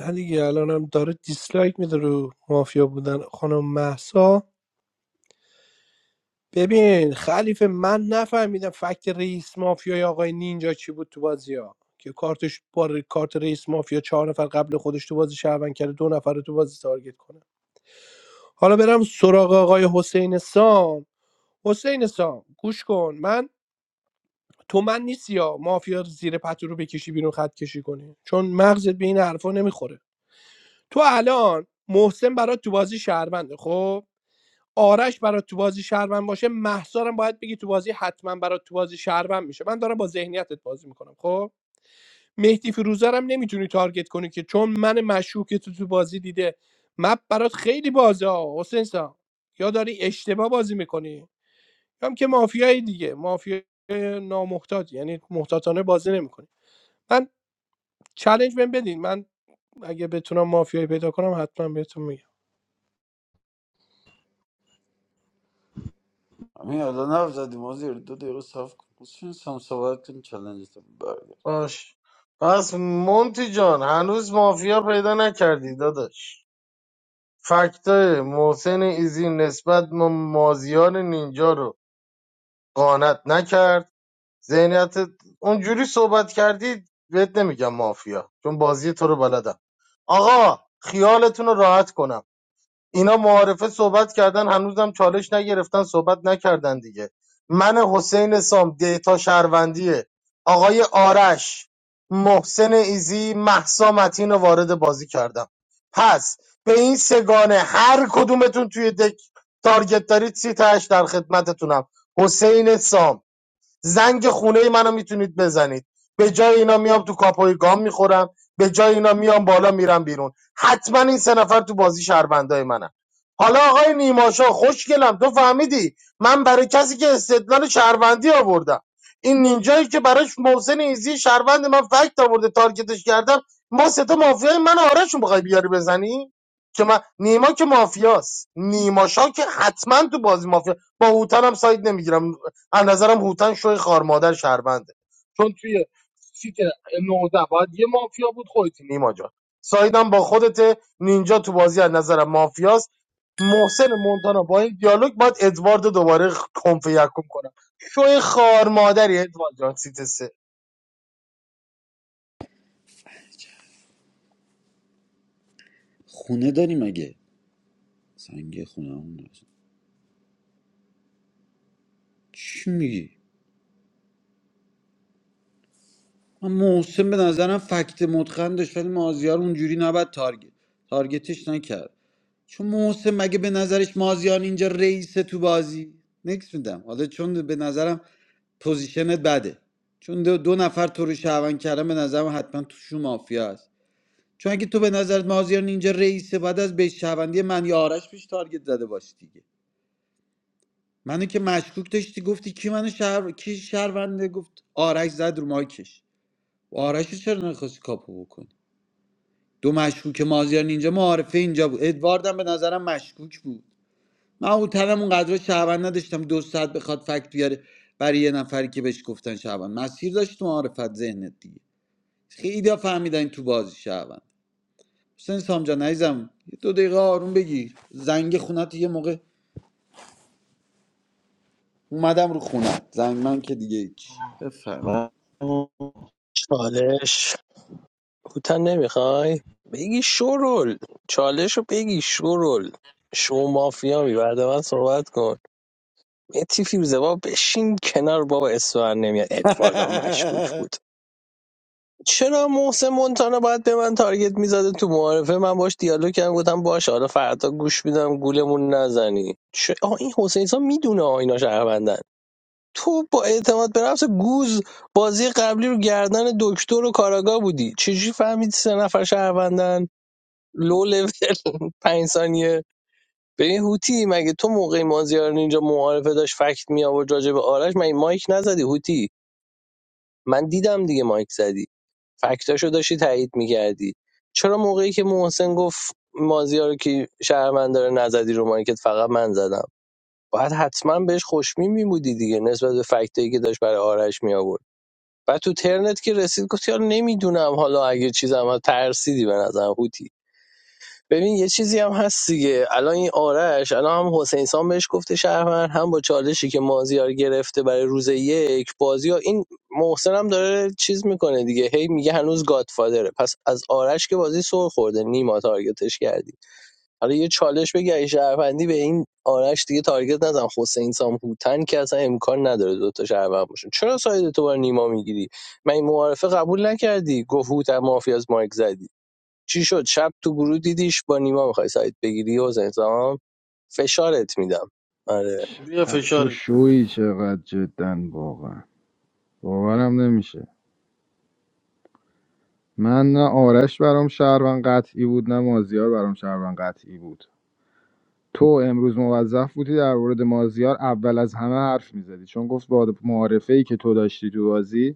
نه دیگه الانم داره دیسلایک میده رو مافیا بودن خانم مهسا ببین خلیفه من نفهمیدم فکت رئیس مافیای آقای نینجا چی بود تو بازی ها که کارتش با ر- کارت رئیس مافیا چهار نفر قبل خودش تو بازی شهروند کرده دو نفر رو تو بازی تارگت کنه حالا برم سراغ آقای حسین سام حسین سام گوش کن من تو من نیستی ها مافیا زیر پتو رو بکشی بیرون خط کشی کنی چون مغزت به این حرفا نمیخوره تو الان محسن برات تو بازی شهرونده خب آرش برات تو بازی شهروند باشه محسارم باید بگی تو بازی حتما برات تو بازی شهروند میشه من دارم با ذهنیتت بازی میکنم خب مهدی فیروزرم نمیتونی تارگت کنی که چون من مشکوک تو تو بازی دیده مپ برات خیلی بازه ها حسین سام. یا داری اشتباه بازی میکنی یا هم که مافیای دیگه مافیای نامحتاط یعنی محتاطانه بازی نمیکنی من چالش بهم بدین من اگه بتونم مافیایی پیدا کنم حتما بهتون میگم
همین الان حرف زدیم ما زیر دو دقیقه صاف کن بسین سم صحبت کن چلنج تو
باش پس مونتی جان هنوز مافیا پیدا نکردی داداش فکت محسن ایزی نسبت به مازیار نینجا رو قانت نکرد ذهنیت اونجوری صحبت کردی بهت نمیگم مافیا چون بازی تو رو بلدم آقا خیالتون رو راحت کنم اینا معارفه صحبت کردن هنوزم چالش نگرفتن صحبت نکردن دیگه من حسین سام دیتا شهروندیه آقای آرش محسن ایزی محسا متین رو وارد بازی کردم پس به این سگانه هر کدومتون توی دک تارگت دارید سی تاش در خدمتتونم حسین سام زنگ خونه منو میتونید بزنید به جای اینا میام تو کاپوی گام میخورم به جای اینا میام بالا میرم بیرون حتما این سه نفر تو بازی شهروندای منن حالا آقای نیماشا خوشگلم تو فهمیدی من برای کسی که استدلال شهروندی آوردم این نینجایی که براش محسن ایزی شهروند من فکت آورده تارگتش کردم ما سه تا مافیای من و آرشون بخوای بیاری بزنی که من نیما که مافیاست نیماشا که حتما تو بازی مافیا با هوتن هم ساید نمیگیرم از نظرم هوتن شوی خار مادر شهرونده چون توی سیت 19 باید یه مافیا بود خودتی نیما جان سایدم با خودت نینجا تو بازی از نظرم مافیاست محسن مونتانا با این دیالوگ باید ادوارد دوباره کنف یکم کنم شوی خار مادری ادوارد جان سیت سه
خونه داری مگه سنگ خونه همون داشت. چی میگی من محسن به نظرم فکت متقن داشت ولی مازیار اونجوری نباید تارگت تارگتش نکرد چون محسن مگه به نظرش مازیار اینجا رئیسه تو بازی نکس میدم حالا چون به نظرم پوزیشنت بده چون دو, دو نفر تو رو شهروند کردن به نظرم حتما توشون مافیا هست چون اگه تو به نظرت مازیار اینجا رئیسه بعد از بیش شهروندی من یا آرش پیش تارگت زده باشی دیگه منو که مشکوک داشتی گفتی کی منو شهر کی شهرونده گفت آرش زد رو مایکش آرش رو چرا نخواستی کاپو بکنی دو مشکوک مازیار اینجا معارفه اینجا بود ادواردم به نظرم مشکوک بود من هوتلم اونقدر شهروند نداشتم دو ساعت بخواد فکت بیاره برای یه نفری که بهش گفتن شهروند مسیر داشت تو معارفت ذهنت دیگه خیلی فهمیدن تو بازی شهروند حسین سامجا نیزم یه دو دقیقه آروم بگیر زنگ خونت یه موقع اومدم رو خونت زنگ من که دیگه هیچ
و-
چالش کوتن نمیخوای؟ بگی شورول چالش رو بگی شورول شو مافیا می بعد من صحبت کن متی فیروزه با بشین کنار بابا اسفر نمیاد ادواردم مشکوک
[laughs]
بود چرا محسن مونتانا باید به من تارگت میزده تو معارفه من باش دیالوگ کردم گفتم باش حالا فردا گوش میدم گولمون نزنی چه آه این حسین سان میدونه آه اینا شهروندن تو با اعتماد به نفس گوز بازی قبلی رو گردن دکتر و کاراگا بودی چجوری فهمیدی سه نفر شهروندن لو لول پنج ثانیه ببین هوتی مگه تو موقع مازیار اینجا معارفه داشت فکت می آورد راجع به آرش مگه مایک نزدی هوتی من دیدم دیگه مایک زدی فکتاشو داشتی تایید میکردی چرا موقعی که محسن گفت مازیار که شهرمند داره نزدی رو مایکت فقط من زدم باید حتما بهش خوشمی میمودی دیگه نسبت به فکتایی که داشت برای آرش می آورد بعد تو ترنت که رسید گفت یا نمیدونم حالا اگه چیزم هست، ترسیدی به نظرم هوتی ببین یه چیزی هم هست دیگه الان این آرش الان هم حسین سام بهش گفته شهروند هم با چالشی که مازیار گرفته برای روز یک بازی ها این محسن هم داره چیز میکنه دیگه هی میگه هنوز گادفادره پس از آرش که بازی سر خورده نیما تارگتش کردی حالا یه چالش بگی اگه شهروندی به این آرش دیگه تارگت نزن حسین سام هوتن که اصلا امکان نداره دوتا شهروند باشن چرا ساید تو بار نیما میگیری من این معارفه قبول نکردی گفت هوتن مافیاز مایک زدی چی شد شب تو گروه دیدیش با نیما میخوای سایت بگیری حسین سام فشارت میدم آره
بیا
تو
فشارش بده
شویی چقدر جدا واقعا باورم نمیشه من نه آرش برام شهروند قطعی بود نه مازیار برام شهروند قطعی بود تو امروز موظف بودی در مورد مازیار اول از همه حرف میزدی چون گفت با معارفه که تو داشتی تو بازی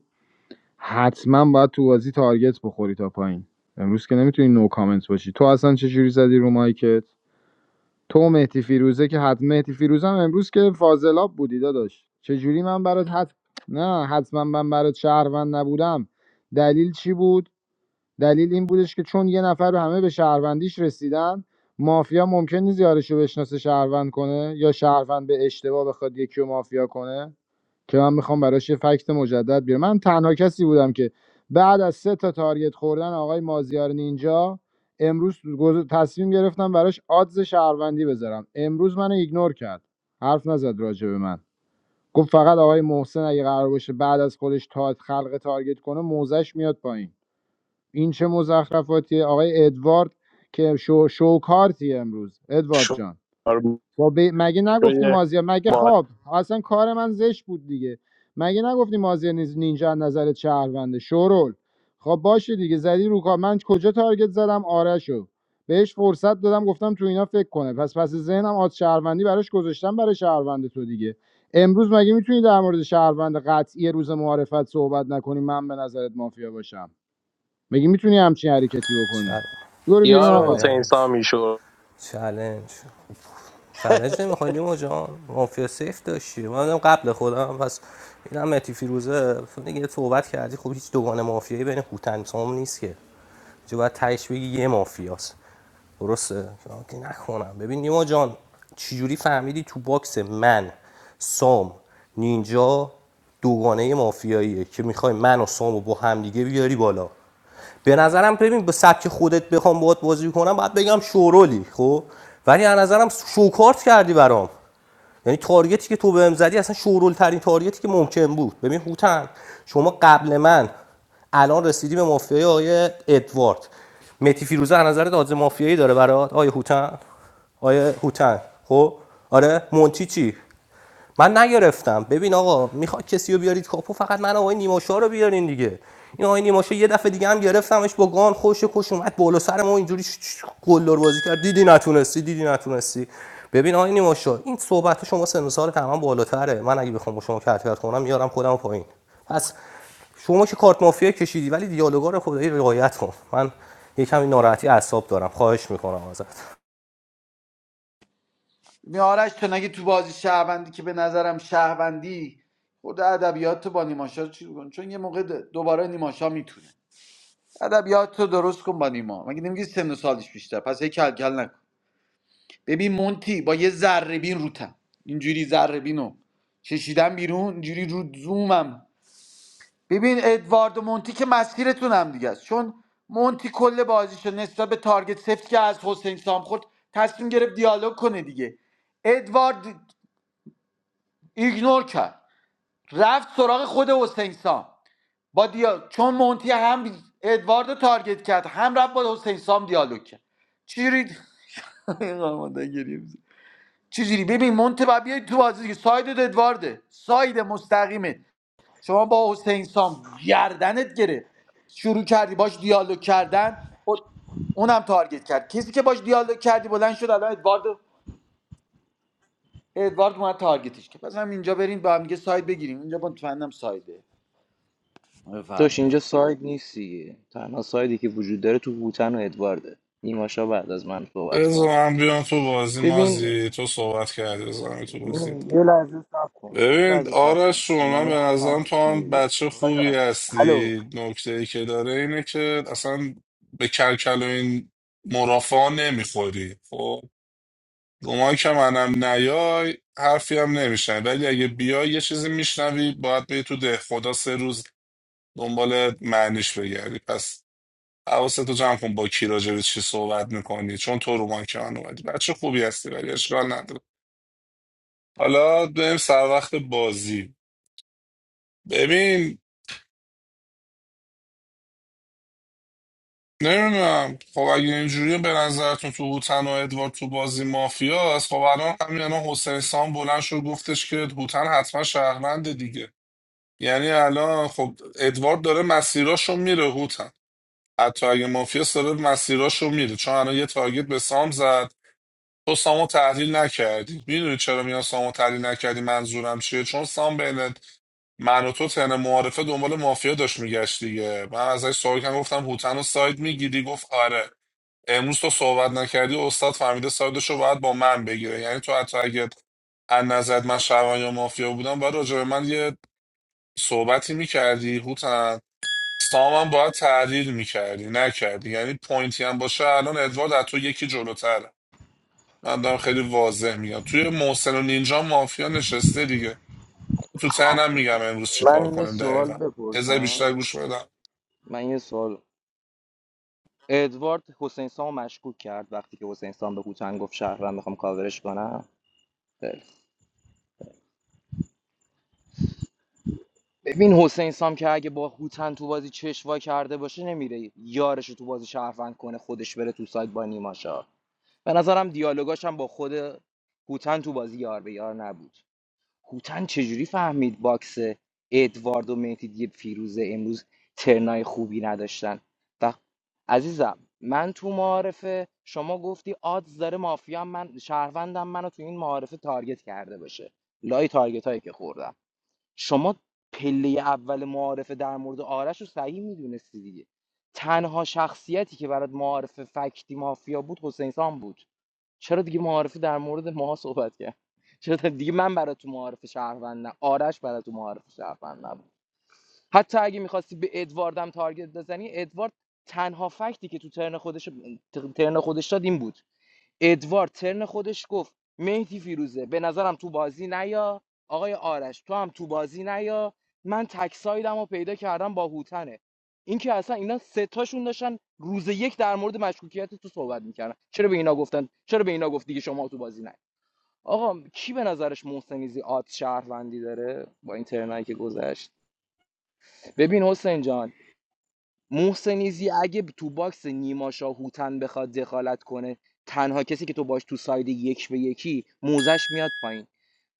حتما باید تو بازی تارگت بخوری تا پایین امروز که نمیتونی نو کامنت باشی تو اصلا چه جوری زدی رو مایکت تو و مهدی فیروزه که حتما مهدی فیروزه امروز که فاضلاب بودی داداش چه جوری من برات حت... نه حتما من برات شهروند نبودم دلیل چی بود دلیل این بودش که چون یه نفر همه به شهروندیش رسیدن مافیا ممکن نیست یارش رو بشناسه شهروند کنه یا شهروند به اشتباه بخواد یکی رو مافیا کنه که من میخوام براش یه فکت مجدد بیارم من تنها کسی بودم که بعد از سه تا تارگت خوردن آقای مازیار نینجا امروز تصمیم گرفتم براش آدز شهروندی بذارم امروز منو ایگنور کرد حرف نزد راجع به من گفت فقط آقای محسن اگه قرار باشه بعد از خودش تا خلق تارگت کنه موزش میاد پایین این چه مزخرفاتیه آقای ادوارد که شو شوکارتی امروز ادوارد جان
شعار
با ب- مگه نگفتیم
روی
مازیار مگه
ما
خواب اصلا کار من زشت بود دیگه مگه نگفتیم مازیار نیز نینجا از نظر شهرونده شورول خب باشه دیگه زدی رو کار من کجا تارگت زدم آرشو بهش فرصت دادم گفتم تو اینا فکر کنه پس پس ذهنم آد شهروندی براش گذاشتم برای شهروند تو دیگه امروز مگه میتونی در مورد شهروند قطعی روز معارفت صحبت نکنی من به نظرت مافیا باشم مگه میتونی همچین حرکتی بکنی
چل...
برو بیرون
یار
آقا
حسین
چلنج
سامی
چلنج چلنج نمیخوای نیما جان مافیا سیف داشتی من دارم قبل خودم پس اینم متی فیروزه تو دیگه توبت کردی خب هیچ دوگان مافیایی بین هوتن سام نیست که چه باید تهش بگی یه مافیاست درسته که نکنم ببین نیما جان چجوری فهمیدی تو باکس من سام نینجا دوگانه مافیاییه که میخوای من و سامو با همدیگه بیاری بالا به نظرم ببین به سبک خودت بخوام باهات بازی کنم باید بگم شورولی خب ولی از نظرم شوکارت کردی برام یعنی تارگتی که تو بهم زدی اصلا شورول ترین تارگتی که ممکن بود ببین هوتن شما قبل من الان رسیدی به مافیای آقای ادوارد متی فیروزه از نظر داز مافیایی داره برات آقای هوتن آقای هوتن خب آره مونتی چی من نگرفتم ببین آقا میخواد کسی رو بیارید کاپو فقط من آقای نیماشا رو بیارین دیگه این آقای نیماشا یه دفعه دیگه هم گرفتمش با گان خوش کش اومد بالا سر ما اینجوری ش- ش- بازی کرد دیدی نتونستی دیدی نتونستی ببین آقای نیماشا این صحبت شما سن و سال تمام بالاتره من اگه بخوام با شما کرکرت کنم میارم خودم پایین پس شما که کارت مافیا کشیدی ولی دیالوگا رو خدایی رعایت کن من یکم این ناراحتی اعصاب دارم خواهش میکنم ازت
میارش تو نگه تو بازی شهروندی که به نظرم شهروندی خود ادبیات با نیماشا چی کن چون یه موقع دوباره نیماشا میتونه ادبیات تو درست کن با نیما مگه نمیگی سن و سالش بیشتر پس هی کل کل نکن ببین مونتی با یه ذره بین روتم اینجوری ذره بینو کشیدم بیرون اینجوری رو زومم ببین ادوارد و مونتی که مسیرتون هم دیگه است چون مونتی کل بازیشو نسبت به تارگت سفت که از حسین سام خورد تصمیم گرفت دیالوگ کنه دیگه ادوارد ایگنور کرد رفت سراغ خود حسین سام با دیا... چون مونتی هم ادوارد تارگت کرد هم رفت با حسین سام دیالوگ کرد چیری این قرمانده [laughs] ببین مونتی باید بیای تو بازی دیگه. ساید ادوارده ساید مستقیمه شما با حسین سام گردنت گرفت شروع کردی باش دیالوگ کردن و اونم تارگت کرد کسی که باش دیالوگ کردی بلند شد الان ادوارد ادوارد اومد تارگتش که پس هم اینجا بریم با هم دیگه ساید بگیریم اینجا مطمئنم سایده
داشت اینجا
بفهمیدم
ساید نیست دیگه تنها سایدی که وجود داره تو بوتن و ادوارده نیماشا بعد از من صحبت
بذار
کنه
من بیام تو بازی
ببین
مازی تو صحبت کردی بذار من تو بازی
یه لحظه صبر کن یه
ببین
لحظه صبر کن
آرش رو
از من یه
من
من
به
حرف هم
نظرم تو
گوش کن
هم
دیگه
بچه
آقا
خوبی
جان، الو
هستی نکته ای که داره اینه که اصلا به کلکل و این مرافعا نمیخوری خب گمان که منم نیای حرفی هم نمیشن ولی اگه بیای یه چیزی میشنوی باید بری تو ده خدا سه روز دنبال معنیش بگردی پس حواستو جمع کن با کی راجع به چی صحبت میکنی چون تو رو من که من اومدی بچه خوبی هستی ولی اشکال نداره حالا بریم سر وقت بازی ببین نمیدونم خب اگه اینجوری به نظرتون تو هوتن و ادوارد تو بازی مافیاست خب الان همین الان حسین سام بلند شد گفتش که هوتن حتما شهرونده دیگه یعنی الان خب ادوارد داره مسیراشو میره هوتن حتی اگه مافیاست داره مسیراشو میره چون الان یه تارگت به سام زد تو سامو تحلیل نکردی میدونی چرا میان سامو تحلیل نکردی منظورم چیه چون سام بین من و تو تن معارفه دنبال مافیا داشت میگشت دیگه من ازش سوال کردم گفتم هوتن و ساید میگیری گفت آره امروز تو صحبت نکردی استاد فهمیده سایدش رو باید با من بگیره یعنی تو حتی اگه از نظرت من شهروند یا مافیا بودم باید راجع به من یه صحبتی میکردی هوتن سامم باید تحلیل میکردی نکردی یعنی پوینتی هم باشه الان ادوارد از تو یکی جلوتره من دارم خیلی واضح میگم توی محسن و نینجا مافیا نشسته دیگه تو تنم میگم امروز چیکار
من یه
کنیم
سوال
دقیقا یه ذره
بپرسم
بیشتر گوش بدم
من یه سوال ادوارد حسین سام مشکوک کرد وقتی که حسین سام به هوتن گفت شهروند میخوام کاورش کنم خیلی خوب. ببین حسین سام که اگه با هوتن تو بازی چشوا کرده باشه نمیره یارش رو تو بازی شهروند کنه خودش بره تو سایت با نیماشا به نظرم دیالوگاش هم با خود هوتن تو بازی یار به یار نبود هوتن چجوری فهمید باکس ادوارد و مهدی دیگه فیروزه امروز ترنای خوبی نداشتن و عزیزم من تو معارفه شما گفتی آدز داره مافیا من شهروندم منو تو این معارفه تارگت کرده باشه لای تارگت هایی که خوردم شما پله اول معارفه در مورد آرش رو صحیح میدونستی دیگه تنها شخصیتی که برات معارفه فکتی مافیا بود حسین سام بود چرا دیگه معارفه در مورد ماها صحبت کرد چرا دیگه من برای تو معارف شهروند نه آرش برای تو معارف شهروند نبود حتی اگه میخواستی به ادواردم تارگت بزنی ادوارد تنها فکتی که تو ترن خودش ترن خودش داد این بود ادوارد ترن خودش گفت مهدی فیروزه به نظرم تو بازی نیا آقای آرش تو هم تو بازی نیا من تکسایدم رو پیدا کردم با هوتنه اینکه اصلا اینا سه تاشون داشتن روز یک در مورد مشکوکیت تو صحبت میکردن چرا به اینا گفتن چرا به اینا گفت دیگه شما تو بازی نه آقا کی به نظرش محسنیزی آت شهروندی داره با این ترنایی که گذشت ببین حسین جان محسنیزی اگه تو باکس نیما شاهوتن بخواد دخالت کنه تنها کسی که تو باش تو ساید یک به یکی موزش میاد پایین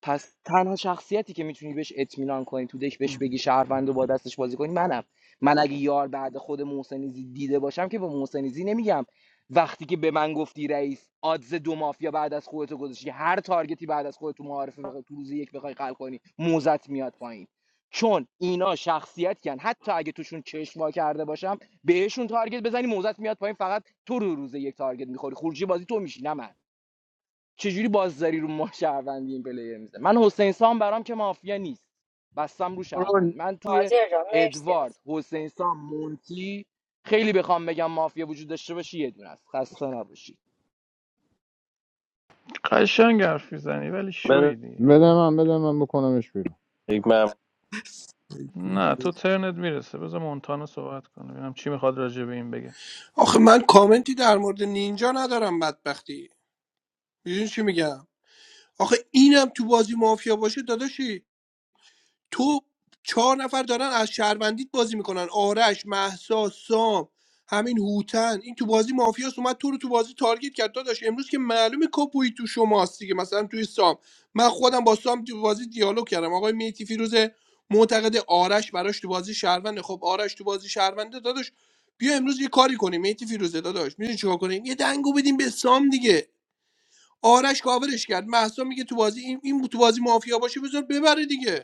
پس تنها شخصیتی که میتونی بهش اطمینان کنی تو دک بهش بگی شهروند و با دستش بازی کنی منم من اگه یار بعد خود محسنیزی دیده باشم که به محسنیزی نمیگم وقتی که به من گفتی رئیس آدز دو مافیا بعد از خودتو گذاشتی هر تارگتی بعد از خودت تو معارفه بخوای- تو روز یک بخوای خلق کنی موزت میاد پایین چون اینا شخصیتیان حتی اگه توشون چشم وا کرده باشم بهشون تارگت بزنی موزت میاد پایین فقط تو رو روز یک تارگت میخوری خروجی بازی تو میشی نه من. چجوری بازداری رو ما شهروندی این پلیر میزه من حسین سام برام که مافیا نیست بستم رو
شورول
شهروند من توی
مازیار جان مرسی
ادوارد
از
حسین سام مونتی خیلی بخوام بگم مافیا وجود داشته باشه یه دونه است خسته نباشید
قشنگ حرف میزنی ولی شویدی.
بده من بده من بکنمش بیرون
من
نه تو ترنت میرسه بذار مونتانا صحبت کنه ببینم چی میخواد راجع به این بگه
آخه من کامنتی در مورد نینجا ندارم بدبختی میدونی چی میگم آخه اینم تو بازی مافیا باشه داداشی تو چهار نفر دارن از شهروندیت بازی میکنن آرش محسا سام همین هوتن این تو بازی مافیاس اومد تو رو تو بازی تارگت کرد داداش امروز که معلومه کاپوی تو شماست دیگه مثلا توی سام من خودم با سام تو بازی دیالوگ کردم آقای میتی فیروز معتقد آرش براش تو بازی شهرونده خب آرش تو بازی شهرونده داداش بیا امروز یه کاری کنیم میتی فیروزه داداش میدونی چیکار کنیم یه دنگو بدیم به سام دیگه آرش کاورش کرد محسا میگه تو بازی این, این تو بازی مافیا باشه بذار ببره دیگه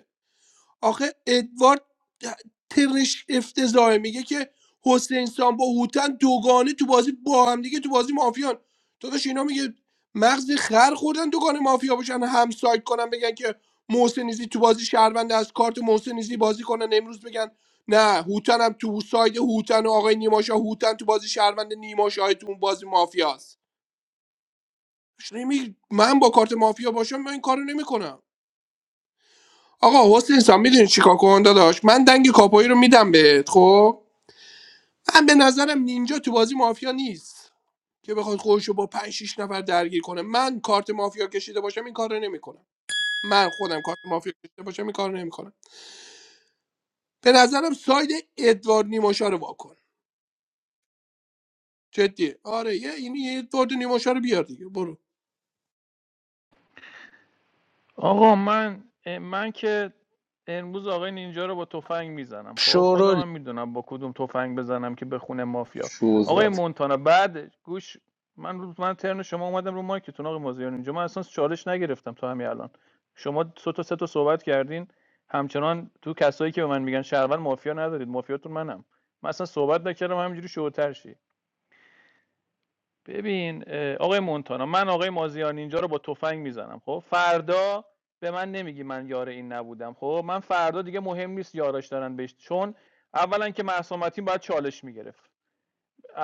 آخه ادوارد ترش افتضاحه میگه که حسین سام با هوتن دوگانه تو بازی با هم دیگه تو بازی مافیان داداش اینا میگه مغز خر خوردن دوگانه مافیا باشن هم سایت کنن بگن که محسنیزی تو بازی شهروند از کارت محسنیزی بازی کنن امروز بگن نه هوتن هم تو ساید هوتن و آقای نیماشا هوتن تو بازی شهروند نیماشا تو اون بازی مافیاست داداش نمی- من با کارت مافیا باشم من این کارو نمیکنم آقا حسین سام میدونی چیکار کن داداش من دنگ کاپایی رو میدم بهت خب من به نظرم نینجا تو بازی مافیا نیست که بخواد خودش رو با 5 6 نفر درگیر کنه من کارت مافیا کشیده باشم این کارو نمیکنم من خودم کارت مافیا کشیده باشم این کارو نمیکنم به نظرم ساید ادوارد نیماشا رو واکن جدی آره یه این یه ادوارد نیماشا رو بیار دیگه برو
آقا من من که امروز آقای نینجا رو با تفنگ میزنم خب خودم
شورول
هم میدونم با کدوم تفنگ بزنم که به خونه مافیا آقای
شوزاد
مونتانا بعد گوش من رو من ترن شما اومدم رو مایکتون آقای مازیار اینجا من اصلا چالش نگرفتم تا همین الان شما سه تا سه تا صحبت کردین همچنان تو کسایی که به من میگن شهروند مافیا ندارید مافیاتون منم من اصلا صحبت نکردم همینجوری شوتر شی. ببین آقای مونتانا من آقای مازیار اینجا رو با تفنگ میزنم خب فردا به من نمیگی من یار این نبودم خب من فردا دیگه مهم نیست یاراش دارن بهش چون اولا که معصومتین باید چالش میگرفت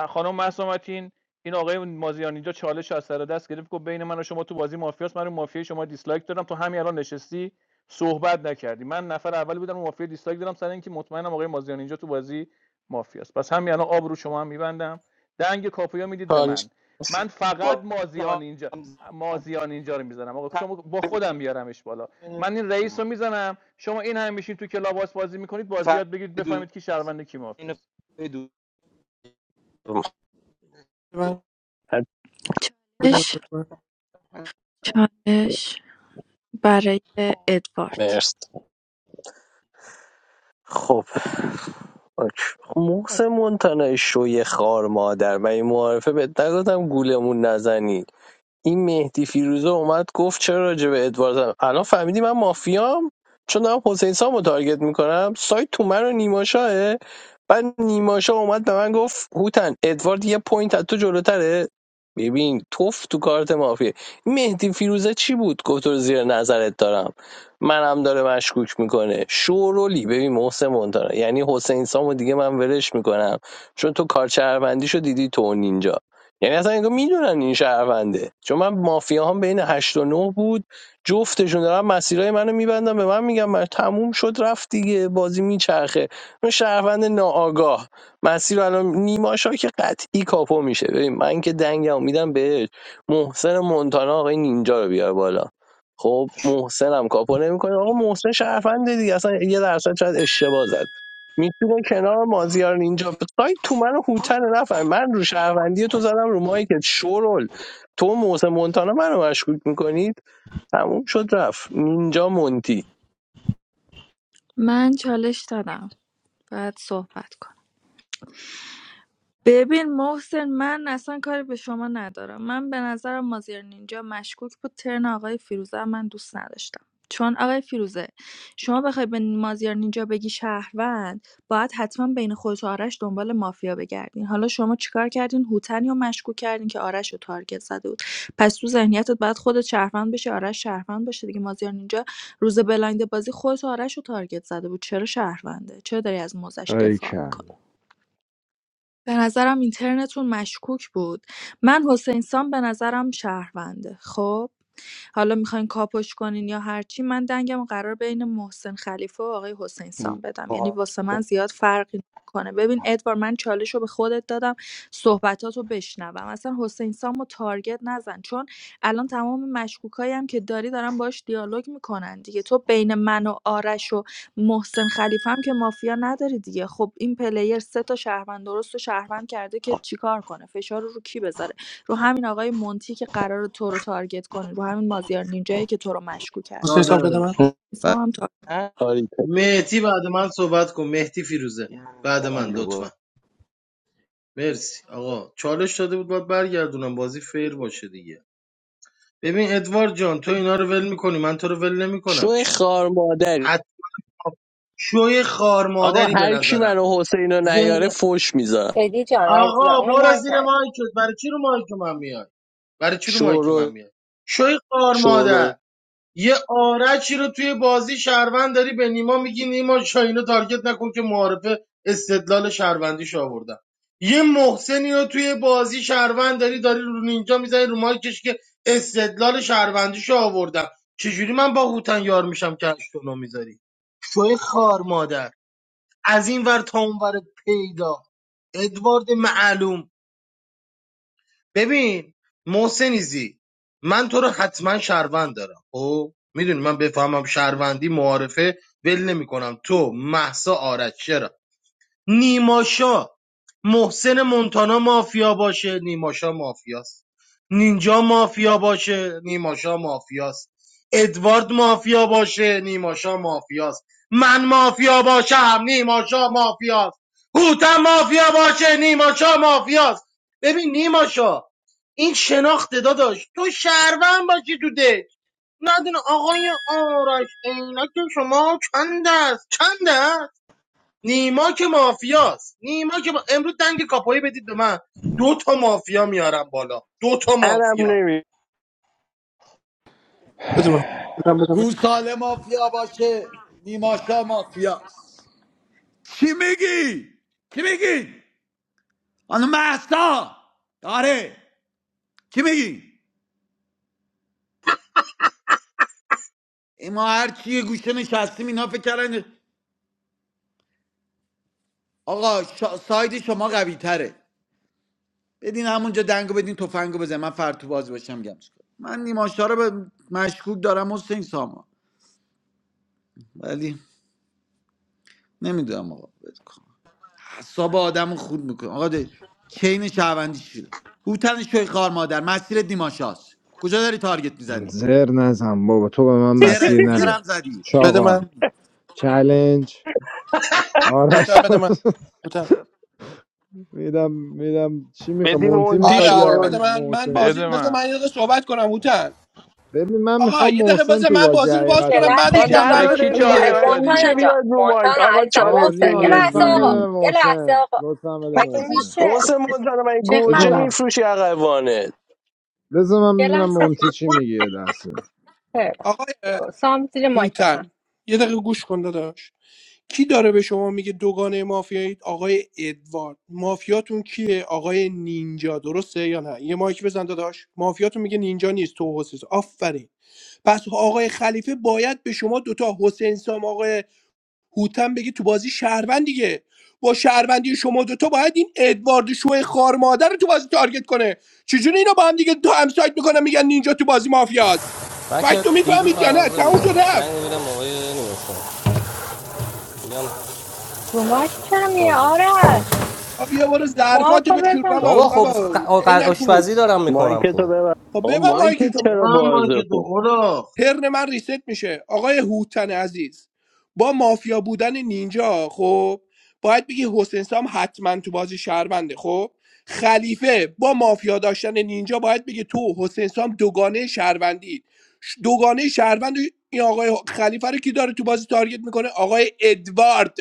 خانم مسامتین این آقای مازیان اینجا چالش از سر دست گرفت گفت بین من و شما تو بازی مافیاست من رو مافیای شما دیسلایک دادم تو همین الان نشستی صحبت نکردی من نفر اول بودم رو مافیا دیسلایک دادم سر اینکه مطمئنم آقای مازیان اینجا تو بازی مافیاست پس همین الان آب رو شما هم میبندم دنگ کاپویا میدید به
حال
من من فقط مازیان اینجا مازیان اینجا رو میزنم آقا شما با خودم بیارمش بالا من این رئیس رو میزنم شما این هم میشین تو کلاباس بازی میکنید بازیات بگید بفهمید کی شهرونده کی مافیاست
بده من بده من
چالش
بده من
چالش برای ادوارد
مرسی خب اوکی. موس منتنه شوی خار مادر من این معارفه بهت نگفتم گولمون نزنی این مهدی فیروزه اومد گفت چرا راجع به ادوارد زدم الان فهمیدی من مافیام چون دارم حسین سامو تارگت میکنم سایت تو من و نیماشاه بعد نیماشاه اومد به من گفت هوتن ادوارد یه پوینت از تو جلوتره ببین توف تو کارت مافیه مهدی فیروزه چی بود گفت رو زیر نظرت دارم منم داره مشکوک میکنه شورولی ببین محسن مونتانا یعنی حسین سامو دیگه من ولش میکنم چون تو کارچهروندیشو دیدی تو اون اینجا یعنی اصلا انگار میدونن این شهرونده چون من مافیا هم بین هشت و نه بود جفتشون دارن مسیرهای منو میبندن به من میگن من تموم شد رفت دیگه بازی میچرخه من شهروند ناآگاه مسیر رو الان نیماشا که قطعی کاپو میشه ببین من که دنگم میدم بهش محسن مونتانا آقای نینجا رو بیار بالا خب محسنم کاپو نمیکنه آقا محسن شهرونده دیگه اصلا یه درصد شاید اشتباه زده میتونه کنار مازیار اینجا سایت تو من و هوتن نفهم من رو شهروندی تو زدم رو مایکت شورول تو موسم مونتانا منو مشکوک میکنید تموم شد رفت نینجا مونتی
من چالش دادم بعد صحبت کن ببین محسن من اصلا کاری به شما ندارم من به نظرم مازیار نینجا مشکوک بود ترن آقای فیروزه هم من دوست نداشتم چون آقای فیروزه شما بخوای به مازیار نینجا بگی شهروند باید حتما بین خودت و آرش دنبال مافیا بگردین حالا شما چیکار کردین هوتن یا مشکوک کردین که آرش رو تارگت زده بود پس تو ذهنیتت باید خودت شهروند بشه آرش شهروند باشه دیگه مازیار نینجا روز بلایند بازی خودت و آرش رو تارگت زده بود چرا شهرونده چرا داری از موزش
ای
دفاع میکنی
کل
به نظرم اینترنتون مشکوک بود من حسین سام به نظرم شهرونده خب حالا میخواین کاپش کنین یا هرچی من دنگم قرار بین محسن خلیفه و آقای حسین سام بدم یعنی واسه من زیاد فرقی کنه ببین ادوار من چالش رو به خودت دادم صحبتات رو بشنوم اصلا حسین سام رو تارگت نزن چون الان تمام مشکوکایی هم که داری دارن باش دیالوگ میکنن دیگه تو بین من و آرش و محسن خلیفه هم که مافیا نداره دیگه خب این پلیر سه تا شهروند درست و شهروند کرده که چیکار کنه فشار رو رو کی بذاره رو همین آقای مونتی که قرار تو رو تارگت کنه رو همین مازیار نینجایی که تو رو مشکوک کرده
حسین صاحب بده من
چالش
و
حسام هم تا
آره
مهدی بعد من صحبت کن مهدی فیروزه بعد من لطفا مرسی آقا چالش داده بود باید برگردونم بازی فیر باشه دیگه ببین ادوارد جان تو اینا رو ول میکنی من تو رو ول
شو
نمیکنم که
خار مادری
حتی شوی خار
آقا
مادری به
هر کی
نظرم
منو حسین رو نیاره
ذهن
فوش میذارم
ادی جان عزیزم
آقا
اونو
برو
مایک
زیر
نه.
مایکت برای چی رو مایک من میای برای چی رو مایک
شورول
من میای شوی خار
شورول
مادر یه آرچی رو توی بازی شهروند داری به نیما میگی نیما شاینو تارگت نکن که معارفه استدلال شهروندیش آوردم یه محسنی رو توی بازی شهروند داری داری رو نینجا میزنی رو مایکش که استدلال شهروندیش آوردم چجوری من با هوتن یار میشم که اشتونو میذاری شوی خار مادر از این ور تا اون ور پیدا ادوارد معلوم ببین محسنیزی من تو رو حتما شهروند دارم خب میدونی من بفهمم شهروندی معارفه ول نمیکنم تو محسا آرش چرا نیماشا محسن مونتانا مافیا باشه نیماشا مافیاست نینجا مافیا باشه نیماشا مافیاست ادوارد مافیا باشه نیماشا مافیاست من مافیا باشم نیماشا مافیاست هوتم مافیا باشه نیماشا مافیاست ببین نیماشا این شناخت داداش تو شهروند باشی تو دک ندونه آقای آرش عینک شما چند است چند است نیما که مافیاست نیما که ما... امروز دنگ کاپایی بدید به من دو تا مافیا میارم بالا دو تا
منم
مافیا
نمی
بده من بودم بده من
گوساله مافیا باشه نیماشا مافیاست چی میگی؟ چی میگی؟ خانم محسا آره چی میگی؟ این ما هر چی یه گوشه نشستیم اینا فکر کردن آقا شا... ساید شما قوی تره بدین همونجا دنگو بدین تفنگو بزن من فرتو بازی باشم میگم چیکار من نیماشا رو به مشکوک دارم حسین ساما ولی نمیدونم آقا ول کن. اعصاب آدم رو خود میکنه آقا ده- چین شهروندی شده هوتن شوی خار مادر مسیر دیماشاست کجا داری تارگت میزنی
زر نزن بابا تو به من
زر
مسیر نده
زرم زدی
بده
چاقال
من
چلنج آرش
بودم
[laughs]
بده من
میدم میدم چی میخواد
بدی
مونتی
مونتی
آره
میخواد
آره
یا
بده
شورول
من من
محسن
بازی
بده من
بذار من یه دقیقه صحبت کنم هوتن
ببین من
آقا
میخوام
یه دقیقه
محسن
بذار
تو
من
بازی
بازی رو باز
یه
کنم
حقیقتا
لحظه
بعدش
آقا
اجازه
به
جنبندی
رو-
کن
کی
نداده
دیگه
دیگه
م-
چالش
من این میشه
مونتانا
دادی
جان
بیاد رو مایک
مونتانا
آقا
عزیزم
آقا
چالش
محسن
نیما
یه
بگیر
لحظه
لطفا بده
آقا
به
زوری
یه لحظه
محسن
آقا
لطفا بده
مگه
محسن
میشه
موسم مونتانا من
چه
بذار
گوجه
من
خبر
میفروشی اقوانه
بذار
یه
من ببینم
لحظه
مونتی
اجازه
چی میگه دسته
خیلی
آقای اه،
خوب. سام زیر مایک بخن
هوتن یه دقیقه گوش کن داداش کی داره به شما میگه دوگانه مافیایید آقای ادوارد مافیاتون کیه آقای نینجا درسته یا نه یه مایک بزن داداش مافیاتون میگه نینجا نیست تو حسین آفرین پس آقای خلیفه باید به شما دوتا حسین سام آقای هوتن بگه تو بازی شهروند دیگه با شهروندی شما دوتا باید این ادوارد شوه خار مادر رو تو بازی تارگت کنه چجوری اینا با هم دیگه دو همسایت میکنن میگن نینجا تو بازی مافیاست
من که
فکتو
دیروز
میفهمید یا نه
مغازه
تموم
بودم
شد رفت
زنگ میدم آقای نوشتم میگم
رو مایک چرا میه
بازه
آرش
آ بیا برو ظرفاتو
مارکو
بشور
بزن
بابا
بابا خب
بابا
ق- ق-
عینک فروش
آشپزی دارم
مایک
میکنم
تو
خب
ببر
خب
آقا
ببر
مایک
مارکو
مایک
چرا
من ما
بازه
که دو
خون
اولاخ
هرن من ریست میشه آقای هوتن عزیز با مافیا بودن نینجا خب باید بگی حسین سام حتما تو بازی شهرونده خب خلیفه با مافیا داشتن نینجا باید بگه تو حسین سام دوگانه شهروندی ش- دوگانه شهروند این آقای خلیفه رو کی داره تو بازی تارگت میکنه آقای ادوارد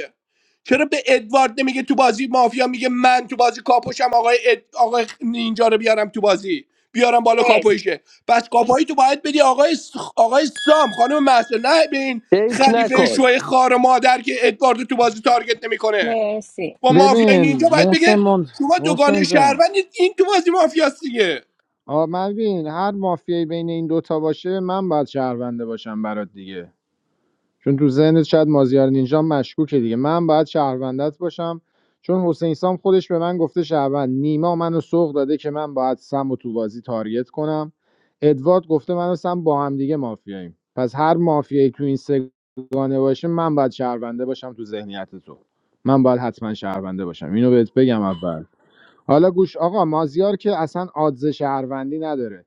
چرا به ادوارد نمیگه تو بازی مافیا میگه من تو بازی کاپوشم آقای اد... آقای نینجا رو بیارم تو بازی بیارم بالا
مرسی
کاپویشه پس کاپایی تو باید بدی آقای س- آقای سام خانم محسن نه به این
فکر
خلیفه
نکن
شوی خار مادر که ادواردو تو بازی تارگت نمیکنه
مرسی
با مافیای اینجا
ببین
باید بگه
محسن مون...
شما
محسن
دوگانه
جان
شهروندید این تو بازی مافیاست دیگه
آ من ببین هر مافیایی بین این دوتا باشه من باید شهرونده باشم برات دیگه چون تو ذهنت شاید مازیار نینجا مشکوکه دیگه من باید شهروندت باشم چون حسین سام خودش به من گفته شهروند نیما منو سوق داده که من باید سم و تو بازی تارگت کنم ادوارد گفته من و سم با هم دیگه مافیاییم پس هر مافیایی تو این سگانه باشه من باید شهرونده باشم تو ذهنیت تو من باید حتما شهرونده باشم اینو بهت بگم اول حالا گوش آقا مازیار که اصلا آدز شهروندی نداره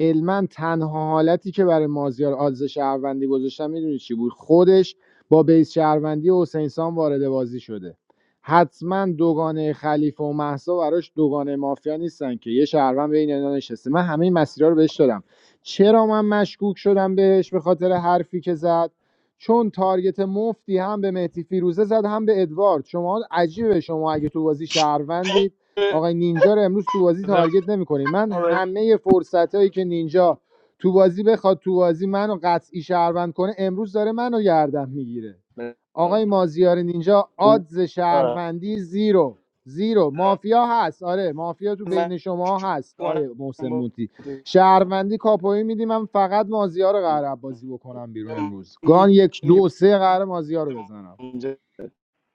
علما تنها حالتی که برای مازیار آلز شهروندی گذاشتم میدونی چی بود خودش با بیس شهروندی حسین سام وارد بازی شده حتما دوگانه خلیفه و محسا براش دوگانه مافیا نیستن که یه شهروند بین اینا نشسته من همه این مسیرها رو بهش دادم چرا من مشکوک شدم بهش به خاطر حرفی که زد چون تارگت مفتی هم به مهدی فیروزه زد هم به ادوارد شما عجیبه شما اگه تو بازی شهروندید آقای نینجا رو امروز تو بازی
بده-
تارگت نمیکنید من
آه،
همه فرصتایی که نینجا تو بازی بخواد تو بازی منو قطعی شهروند کنه امروز داره منو گردن میگیره آقای مازیار نینجا آدز شهروندی زیرو زیرو مافیا هست آره مافیا تو بین شما هست آیه محسن مونتی شهروندی کاپوی میدی من فقط مازیار رو قرار بازی بکنم بیرون امروز گان یک دو سه قرار مازیار رو بزنم
اونجا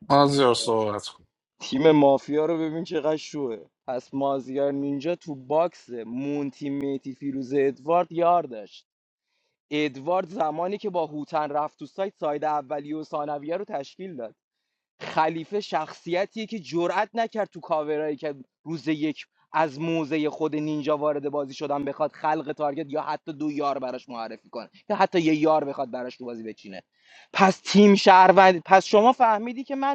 از صحبت کنم.
تیم مافیا رو ببین چقدر شوه پس مازیار نینجا تو باکس مون تیم میتی فیروز ادوارد یار داشت ادوارد زمانی که با هوتن رفت تو سایت ساید اولیه و ثانویه رو تشکیل داد خلیفه شخصیتیه که جرأت نکرد تو کاورایی که روز یک از موزه خود نینجا وارد بازی شدن بخواد خلق تارگت یا حتی دو یار براش معرفی کنه یا حتی یه یار بخواد براش تو بازی بچینه پس تیم شهروند پس شما فهمیدی که من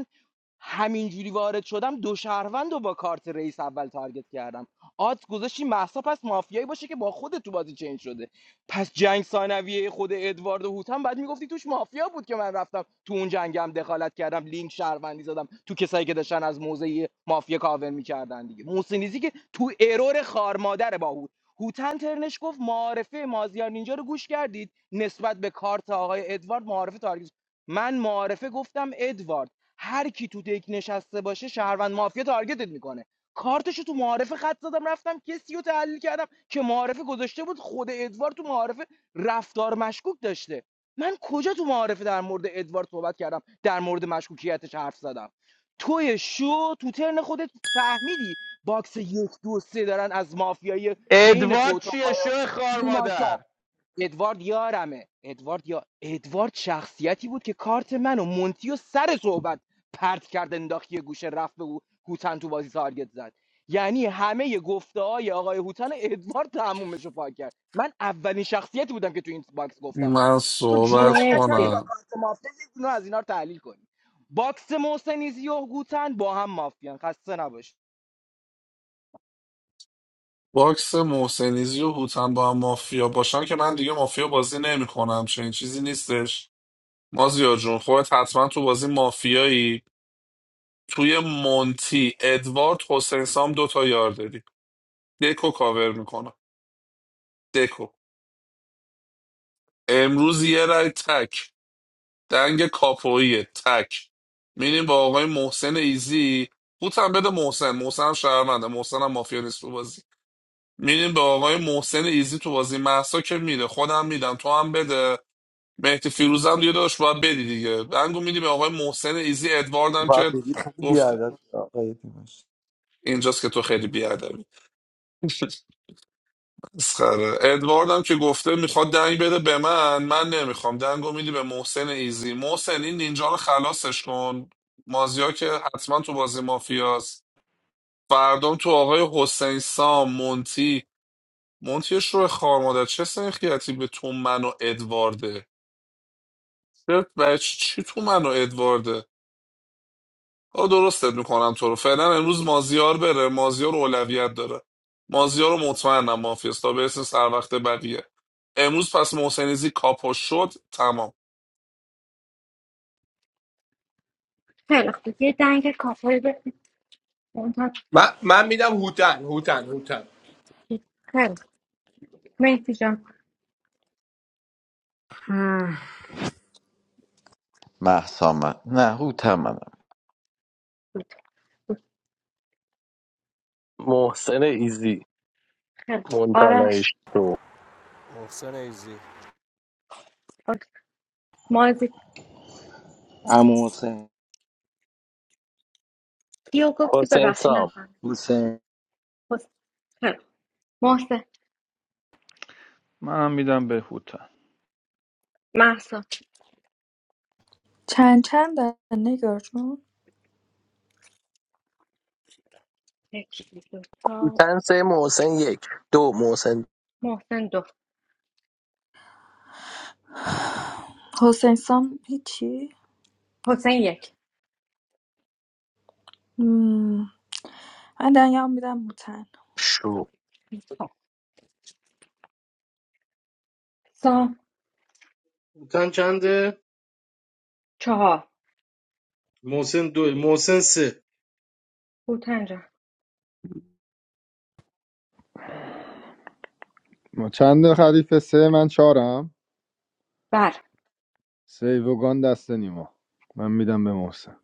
همینجوری وارد شدم دو شهروند رو با کارت رئیس اول تارگت کردم آت گذاشتی محسا پس مافیایی باشه که با خود تو بازی چنج شده پس جنگ ثانویه خود ادوارد و هوتم بعد میگفتی توش مافیا بود که من رفتم تو اون جنگم دخالت کردم لینک شهروندی زدم تو کسایی که داشتن از موزه مافیا کاور میکردن دیگه محسنیزی که تو ارور خارمادره با هوت هوتن ترنش گفت معارفه مازیار نینجا رو گوش کردید نسبت به کارت آقای ادوارد معارفه تارگت من معارفه گفتم ادوارد هر کی تو دک نشسته باشه شهروند مافیا تارگتت میکنه کارتشو تو معارفه خط زدم رفتم کسی رو تحلیل کردم که معارفه گذاشته بود خود ادوارد تو معارفه رفتار مشکوک داشته من کجا تو معارفه در مورد ادوارد صحبت کردم در مورد مشکوکیتش حرف زدم توی شو تو ترن خودت فهمیدی باکس یک دو سه دارن از مافیای بین
ادوارد
خودت
چیه شو خار مادر
ادوارد یارمه ادوارد یا ادوارد شخصیتی بود که کارت من و مونتی و سر صحبت پرت کرد انداخت یه گوشه رفت به او- هوتن تو بازی تارگت زد یعنی همه گفته های آقای هوتن ادوارد تمومش رو پاک کرد من اولین شخصیتی بودم که تو این باکس گفتم
من
مافیوس تو
صحبت
جرئت نکردی
مرسی
با
کنم
کارت مافیا یه دونه از اینا رو تحلیل کنی باکس محسنیزی و هوتن با هم مافیان خسته نباش
باکس محسنیزی و هوتن با هم مافیا باشن که من دیگه مافیا بازی نمیکنم چنین چیزی نیستش مازیار جون خودت حتما تو بازی مافیایی توی مونتی ادوارد حسین سام دوتا یار داری دکو کاور میکنم دکو امروز یه رای تک دنگ کاپویه تک میریم با آقای محسن ایزی هوتن بده محسن محسن هم شهرونده محسن هم مافیا نیست تو بازی میریم به آقای محسن ایزی تو بازی محسا که میره خودم میدم تو هم بده مهدی فیروزم دیگه داشت باید بدی دیگه دنگو میدی به آقای محسن ایزی ادوارد هم
باید
که
بگی خیلی
گفت
بیادت آقای دیمش
اینجاست که تو خیلی بیادبی مسخره ادوارد هم که گفته میخواد دنگ بده به من من نمیخوام دنگو میدی به محسن ایزی محسن این نینجا رو خلاصش کن مازیا که حتما تو بازی مافیاست فردام تو آقای حسین سام مونتی مونتیش رو خوار مادر چه سنخیتی به تو من و ادوارده چه- برای چی چی تو من و ادوارده آه درستت میکنم تو رو فعلا امروز مازیار بره مازیار اولویت داره مازیار رو مطمئنم مافیاست تا برسه سر وقت بقیه امروز پس محسنیزی کاپو شد تمام
خیلی خوب یه دنگ کافایی به مونتانا
من من میدم هوتن هوتن هوتن
خیلی خوب. مرسی جان
محسا من نه هوتن منم
محسن ایزی
آ-
مونتانایش تو
محسن ایزی
مازی
عمو حسین
کیو گفتی
حسین
ببخشی
سام
نفهم
حسین
خیلی خوب. محسن
منم میدم به هوتن
چند چند نگار جون
یکی دو تا.
تن سه محسن یک دو محسن
محسن دو
حسین سام هیچی
حسین یک
مم. من دنیا میدم موتن
شو
خب. سام
تن چنده
چهار
محسن دو محسن سه
هوتن جان
ما چند خریف سه من چهارم
بله
سیوگان دست نیما من میدم به محسن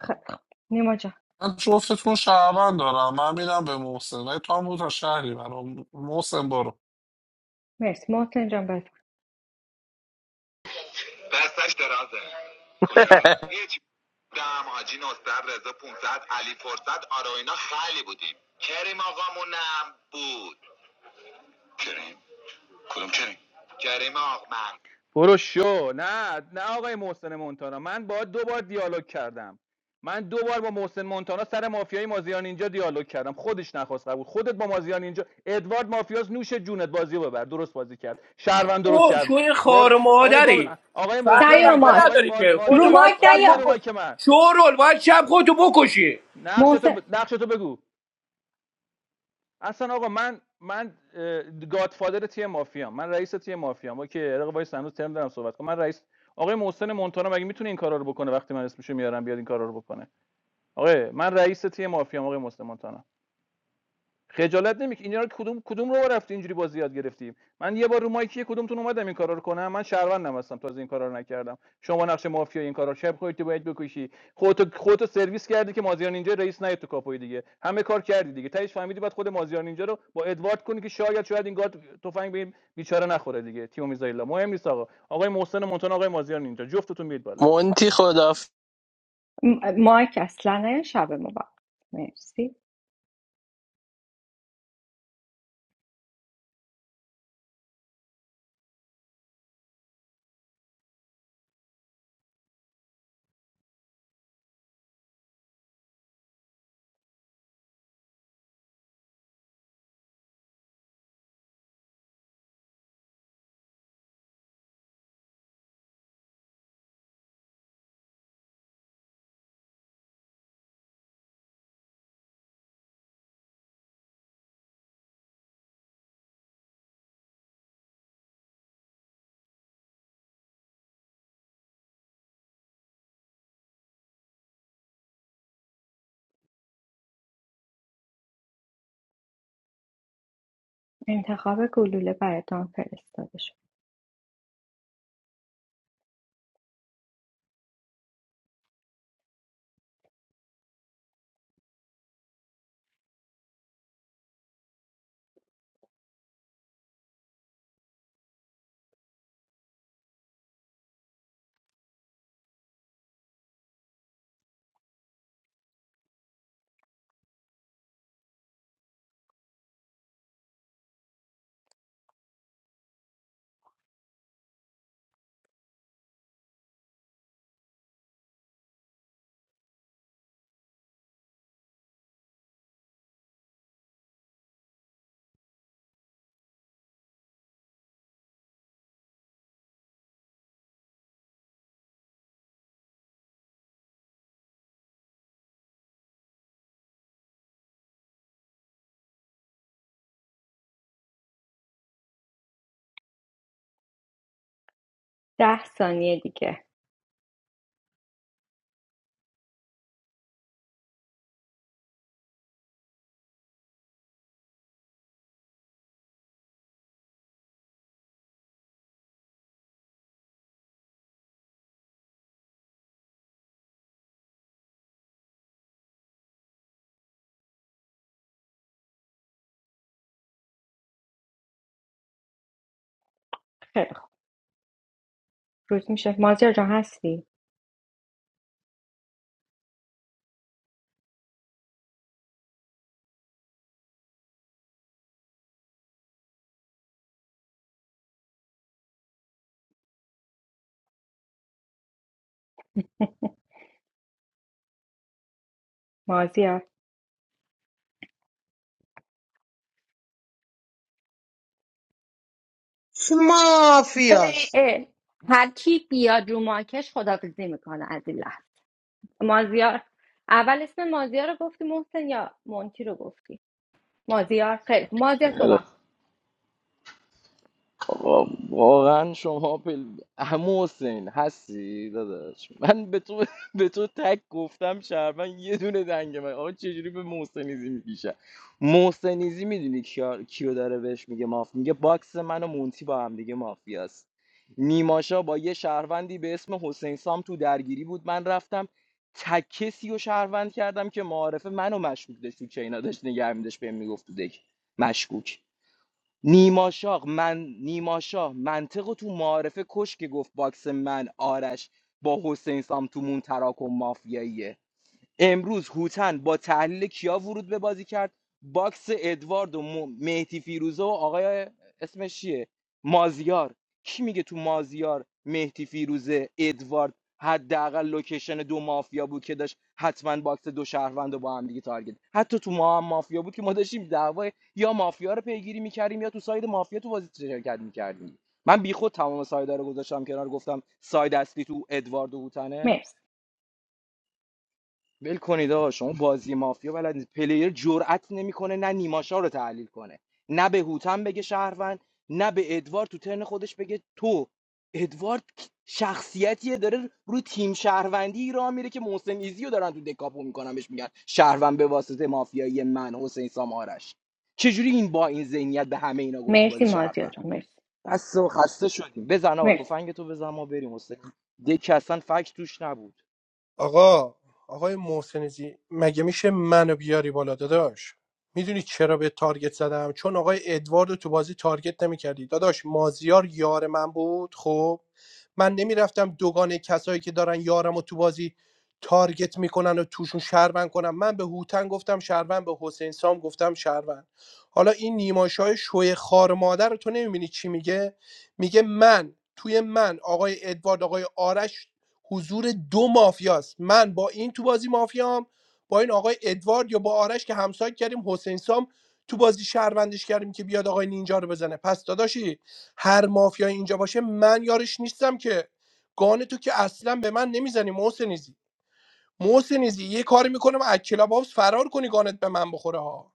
خیلی خب. نیما جان
من جفتتون شهروند دارم من میدم به محسن ولی تو هم بود تا شهری برام محسن برو
مرسی محسن جان بفرم
دستش درازه کجا؟
[laughs]
یه چی دم حاجی نصر رضا 500 علی فرصت آراینا اینا خیلی بودیم کریم آقامونم بود کریم کدوم کریم کریم آقمند برو شو نه نه آقای محسن مونتانا من با دو بار دیالوگ کردم من دو بار با محسن مونتانا سر مافیای مازیار اینجا دیالوگ کردم خودش نخواست قبول خودت با مازیار اینجا ادوارد مافیاس نوش جونت بازی رو ببر درست بازی کرد شهروند درست
تو
شهر
شوی
بار
خار
بار
مادری
گام آقای
فردا
محسن
نیا رو
بقا
مونتانا
ماک
آقای
نداری
ما-
که
رو
خودتو
مازیار
باید
ماک
واسه چی
شب
میاری
نیا
بکشی
مایک من
شورول باید شب خودتو بکشی
نقش تو
محسن
ب... نقش تو بگو اصلا آقا من من گادفادر تیم مافیا من رئیس تیم مافیا اوکی رقیب وایس هنوز ترم دارم صحبت کنم من رئیس آقای محسن مونتانا مگه میتونه این کارا رو بکنه وقتی من اسمشو میارم بیاد این کارا رو بکنه آقا من رئیس تیم مافیا آقای محسن مونتانا خجالت نمیکش اینا رو کدوم کدوم رو رفتی اینجوری بازی یاد گرفتیم من یه بار رو مایکی کدومتون اومدم این کارا رو کنم من شهروندم هستم تازه این کارا رو نکردم شما نقش مافیا این کارا رو شب خودت باید بکشی خودت خودت سرویس کردی که مازیار اینجا رئیس نیت تو کاپوی دیگه همه کار کردی دیگه تهش فهمیدی بعد خود مازیار اینجا رو با ادوارد کنی که شاید شاید این گارد تفنگ به این بیچاره نخوره دیگه تیمو میزایلا مهم نیست آقا آقای محسن مونتون آقای مازیار اینجا جفتتون میید بالا
مونتی خدا
م- مایک اصلا نه شب مبارک مرسی انتخاب گلوله براتان فرستاده شد ده ثانیه دیگه خیلی خوب روز میشه مازیار جان هستی مازیار
چه
اه،
مافیاست
اه. هر کی بیاد رو ماکش خدافزی میکنه از این لحظه مازیار اول اسم مازیار رو گفتی محسن یا مونتی رو گفتی مازیار خیلی خوب. مازیار صحبت کن.
آقا واقعا شما پل... عمو حسین هستی داداش من به تو [laughs] به تو تک گفتم شهروند یه دونه دنگ من آقا چجوری به محسنیزی میگیشه محسنیزی میدونی کیا... کیو داره بهش میگه ماف میگه باکس من و مونتی با هم دیگه مافیاست نیماشا با یه شهروندی به اسم حسین سام تو درگیری بود من رفتم تک کسی و شهروند کردم که معارفه منو مشکوک داشت تو چینا داشت نگه می‌داشت، بهم میگفت تو دک مشکوک نیماشاق من نیماشاه منطق رو تو معارفه کش که گفت باکس من آرش با حسین سام تو مون تراکم مافیاییه امروز هوتن با تحلیل کیا ورود به بازی کرد باکس ادوارد و م- مهدی فیروزه و آقای اسمش چیه مازیار کی میگه تو مازیار مهدی فیروزه ادوارد حداقل لوکیشن دو مافیا بود که داشت حتما باکس دو شهروند رو با هم دیگه تارگت حتی تو ما هم مافیا بود که ما داشتیم دعوای یا مافیا رو پیگیری میکردیم یا تو ساید مافیا تو بازی شرکت میکردیم من بیخود تمام سایدا رو گذاشتم کنار گفتم ساید اصلی تو ادوارد و هوتنه
مرسی
ول کنید آقا شما بازی مافیا بلد نیست پلیر جرئت نمیکنه نه نیماشا رو تحلیل کنه نه به هوتن بگه شهروند نه به ادوارد تو ترن خودش بگه تو ادوارد شخصیتیه داره رو تیم شهروندی را میره که محسن ایزی رو دارن تو دکاپو میکنن بهش میگن شهروند به واسطه مافیایی من حسین سام آرش چجوری این با این ذهنیت به همه اینا گفت تو
مرسی
بازی
مازیار
شهروند
جان مرسی
بس و خسته شدیم بزن آقا
مرسی
تفنگ تو بزن ما بریم حسین دک اصلا فکت توش نبود
آقا آقای محسن زی مگه میشه منو بیاری بالا داداش میدونی چرا به تارگت زدم چون آقای ادوارد رو تو بازی تارگت نمیکردی داداش مازیار یار من بود خب من نمیرفتم دوگانه کسایی که دارن یارم و تو بازی تارگت میکنن و توشون شهروند کنم من به هوتن گفتم شهروند به حسین سام گفتم شهروند حالا این نیماشای شوی خار مادر رو تو نمیبینی چی میگه میگه من توی من آقای ادوارد آقای آرش حضور دو مافیاست من با این تو بازی مافیام با این آقای ادوارد یا با آرش که همسایه کردیم حسین سام تو بازی شهروندش کردیم که بیاد آقای نینجا رو بزنه پس داداشی هر مافیای اینجا باشه من یارش نیستم که گان تو که اصلا به من نمیزنی محسنیزی محسنیزی یه کاری میکنم از کلاب هاوس فرار کنی گانت به من بخوره ها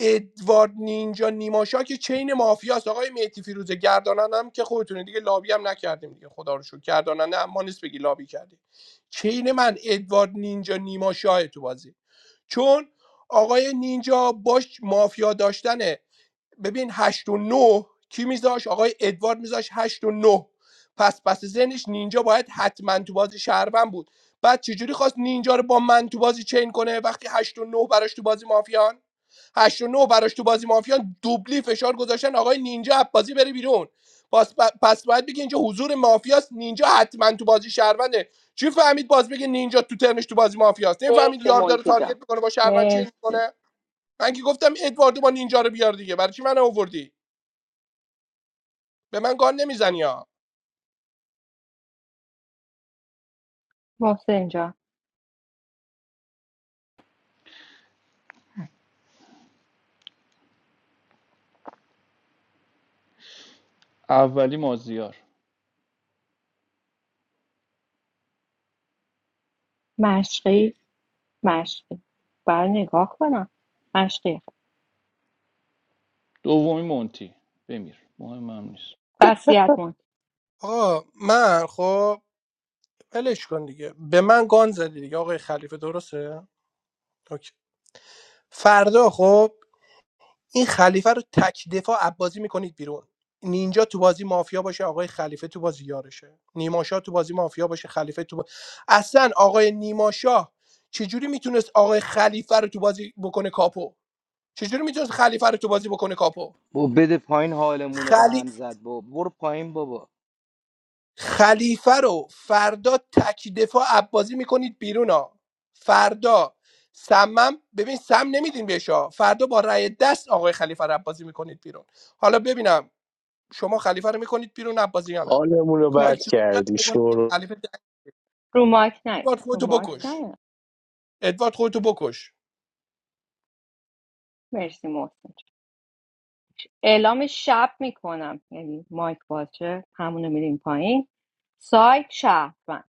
ادوارد نینجا نیماشا که چین مافیاست آقای مهدی فیروزه گردانن هم که خودتونه دیگه لابی هم نکردیم دیگه خدا رو شکر گردانن هم نیست بگی لابی کردیم چین من ادوارد نینجا نیماشاه تو بازی چون آقای نینجا باش مافیا داشتن ببین 8 و 9 کی میذاش آقای ادوارد میذاش 8 و 9 پس پس ذهنش نینجا باید حتما تو بازی شهروند بود بعد چجوری خواست نینجا رو با من تو بازی چین کنه وقتی 8 و 9 براش تو بازی مافیان 8 و 9 براش تو بازی مافیان دوبلی فشار گذاشتن آقای نینجا از بازی بره بیرون پس پس باید بگی اینجا حضور مافیاست نینجا حتما تو بازی شهرونده چی فهمید باز بگه نینجا تو ترنش تو بازی مافیاست نمیفهمید
مرسی
یاردا رو
مونتی
تارگت
جان
میکنه با شهروند چی
مرسی
میکنه من که گفتم ادواردو با نینجا رو بیار دیگه برای چی من آوردی به من گان نمیزنی ها
محسن جان
اولی مازیار
مشقی مشقی بر نگاه کنم مشقی
دومی مونتی بمیر مهم هم نیست
وصیت مونتی
آقا من خب ولش کن دیگه به من گان زدی دیگه آقای خلیفه درسته اوکی. فردا خب این خلیفه رو تک دفاع عبازی میکنید بیرون نینجا تو بازی مافیا باشه آقای خلیفه تو بازی یارشه نیماشا تو بازی مافیا باشه خلیفه تو بازی... اصلا آقای نیماشا چجوری میتونست آقای خلیفه رو تو بازی بکنه کاپو چجوری میتونست خلیفه رو تو بازی بکنه کاپو
با بده پایین حالمونه به
خلی...
هم زد با برو پایین بابا
خلیفه رو فردا تک دفاع عبازی میکنید بیرون ها فردا سمم ببین سم نمیدین بهش ها. فردا با رأی دست آقای خلیفه رو عبازی میکنید بیرون حالا ببینم شما خلیفه رو میکنید بیرون عبازی یا نه
حالمون رو بد
خاک
مرسی
تو سر
کردی
بکنه.
شروع
خلیفه
رو مایک نه
ادوارد
رو
خودتو
مایک
بکش
نه
ادوارد خودتو بکش
مرسی محسن جان. اعلام شب میکنم یعنی مایک باشه همونو میریم پایین سایت شهروند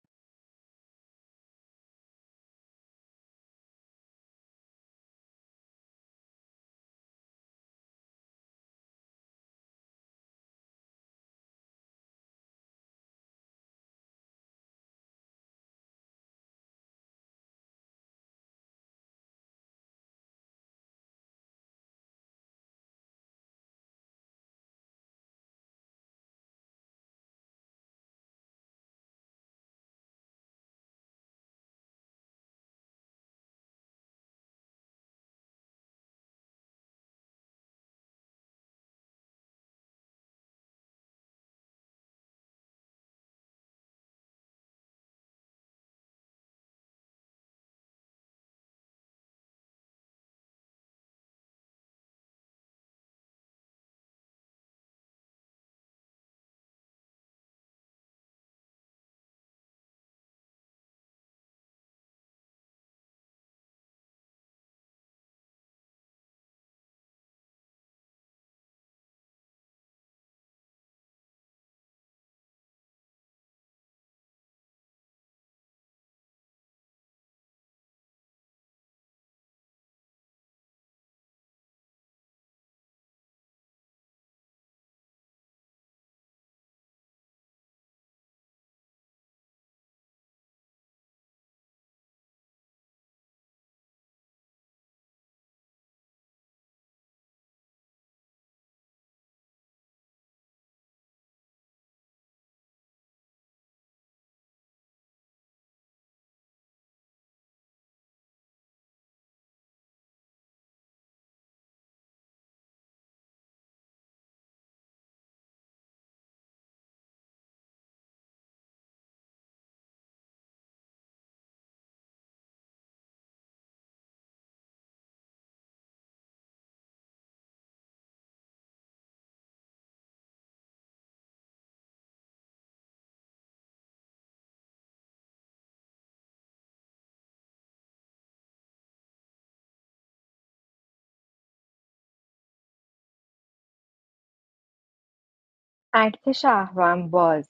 اکت شهروند باز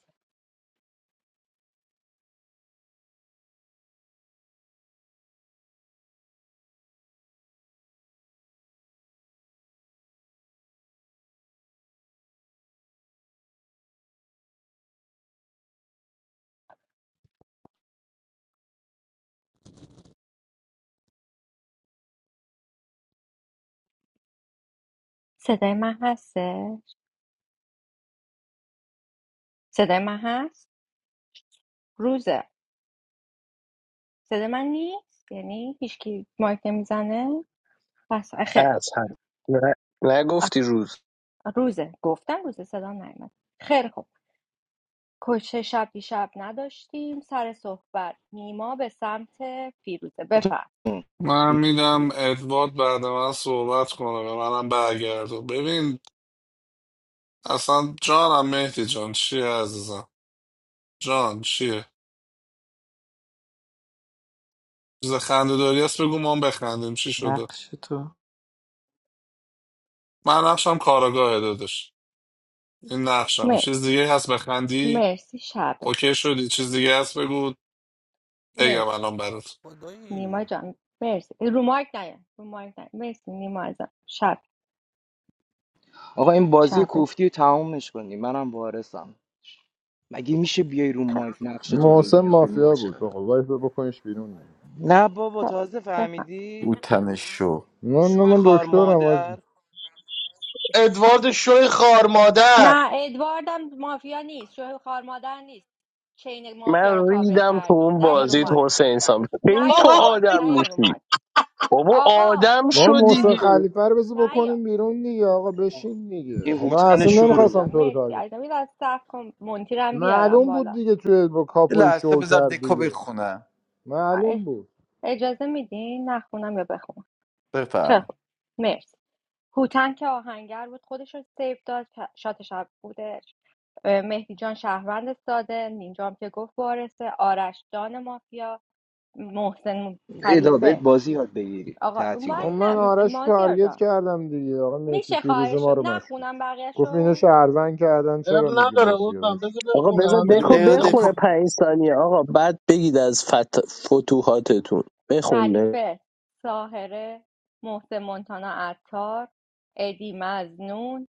صدای من هسته صدای من هست روزه صدای من نیست یعنی هیچکی مایک نمیزنه پس خیر خب.
هست هم نه-
آه،
نگفتی روز
روزه گفتم روزه صدا نیومد خیر خب کشه شب شب نداشتیم سر صحبت نیما به سمت فیروزه بفرم
من میدم ادوارد بعد من صحبت کنه به منم برگردون ببین اصلا جانم مهدی جان چیه عزیزم جان چیه چیز خنده داری هست بگو ما هم بخندیم چی شده من نقشم کاراگاه داداش این نقشم چیز دیگه هست بخندی
مرسی شبه
اوکی شدی چیز دیگه هست بگو بگم
مرسی
الان برات
نیما جان مرسی رو مایک نیا رو مایک نیا مرسی نیما ازم شب
آقا این بازی
شبه
کوفتی رو تمومش کنی منم وارثم مگه میشه بیای رو
خب،
مایک نقش تو
محسن
بگی آخه
مافیا بود
نیماشا؟
بابا ولی تو بکنش بیرون دیگه
نه بابا
خب.
تازه
بفهم.
فهمیدی
هوتن شو
نه
شو
نه من
خار
دکترم آجی
مادر
ادوارد شوی خار مادر
نه ادواردم مافیا نیست شوه خار مادر نیست چین مافیا رو
من
کاور
ریدم تو
کردی
اون
نه یا رو
بازیت
مایک
حسین سام
نه
کی
یا
تو
رو
اب
مایک
آدم
نه یا رو
میشی
مایک
بابا
آقا
آدم
رو
شو
ما
مایک نه
محسن
دیگه
یا
خلیفه رو بذار
نه یا
بکنیم بیرون دیگه آقا بشین دیگه
این
خب من
هوتن
اصلا
شو
کوتن
رو
نمیخواستم
جان
ببین.
تو رو
مرسی
تارگت
عزیزم یه از صف کن
کنم.
مونتیرم بیارم
معلوم بود
بالا
دیگه توی با
یه
کاپوی
لحظه
شو
بذار
کرد
دکو
دیگه
بخونم
اه،
معلوم بود
اجازه میدین نخونم یا بخونم خیلی
بفرمی
خوب. مرسی هوتن که آهنگر بود خودش رو سیو داد شات شب بودش اه، مهدی جان شهروند ساده نینجام که گفت وارثه آرش جان مافیا محسن
ادا بهت
خلیفه
بازی یاد بگیری
آقا رو
خب
مایک
تعطیلات
من
نه م-
آرش رو
مازیار
تارگت
جان
کردم دیگه آقا مهدی
میشه
فیروز
خواهش
ما رو مشکوک
نخونم
گفت اینو
بقیهشو
شهروند کردن چرا میگی
نداره
مافیا بهش؟
بودم بذار
آقا
بخونه
بذار
به
همه
دکو
دقیقه
ریزه
بخونه
دکو
می‌گیری.
پنج ثانیه آقا بعد بگید از فت... فتوحاتتون بخونه
خلیفه ساهره محسن مونتانا عطار ادی مزنون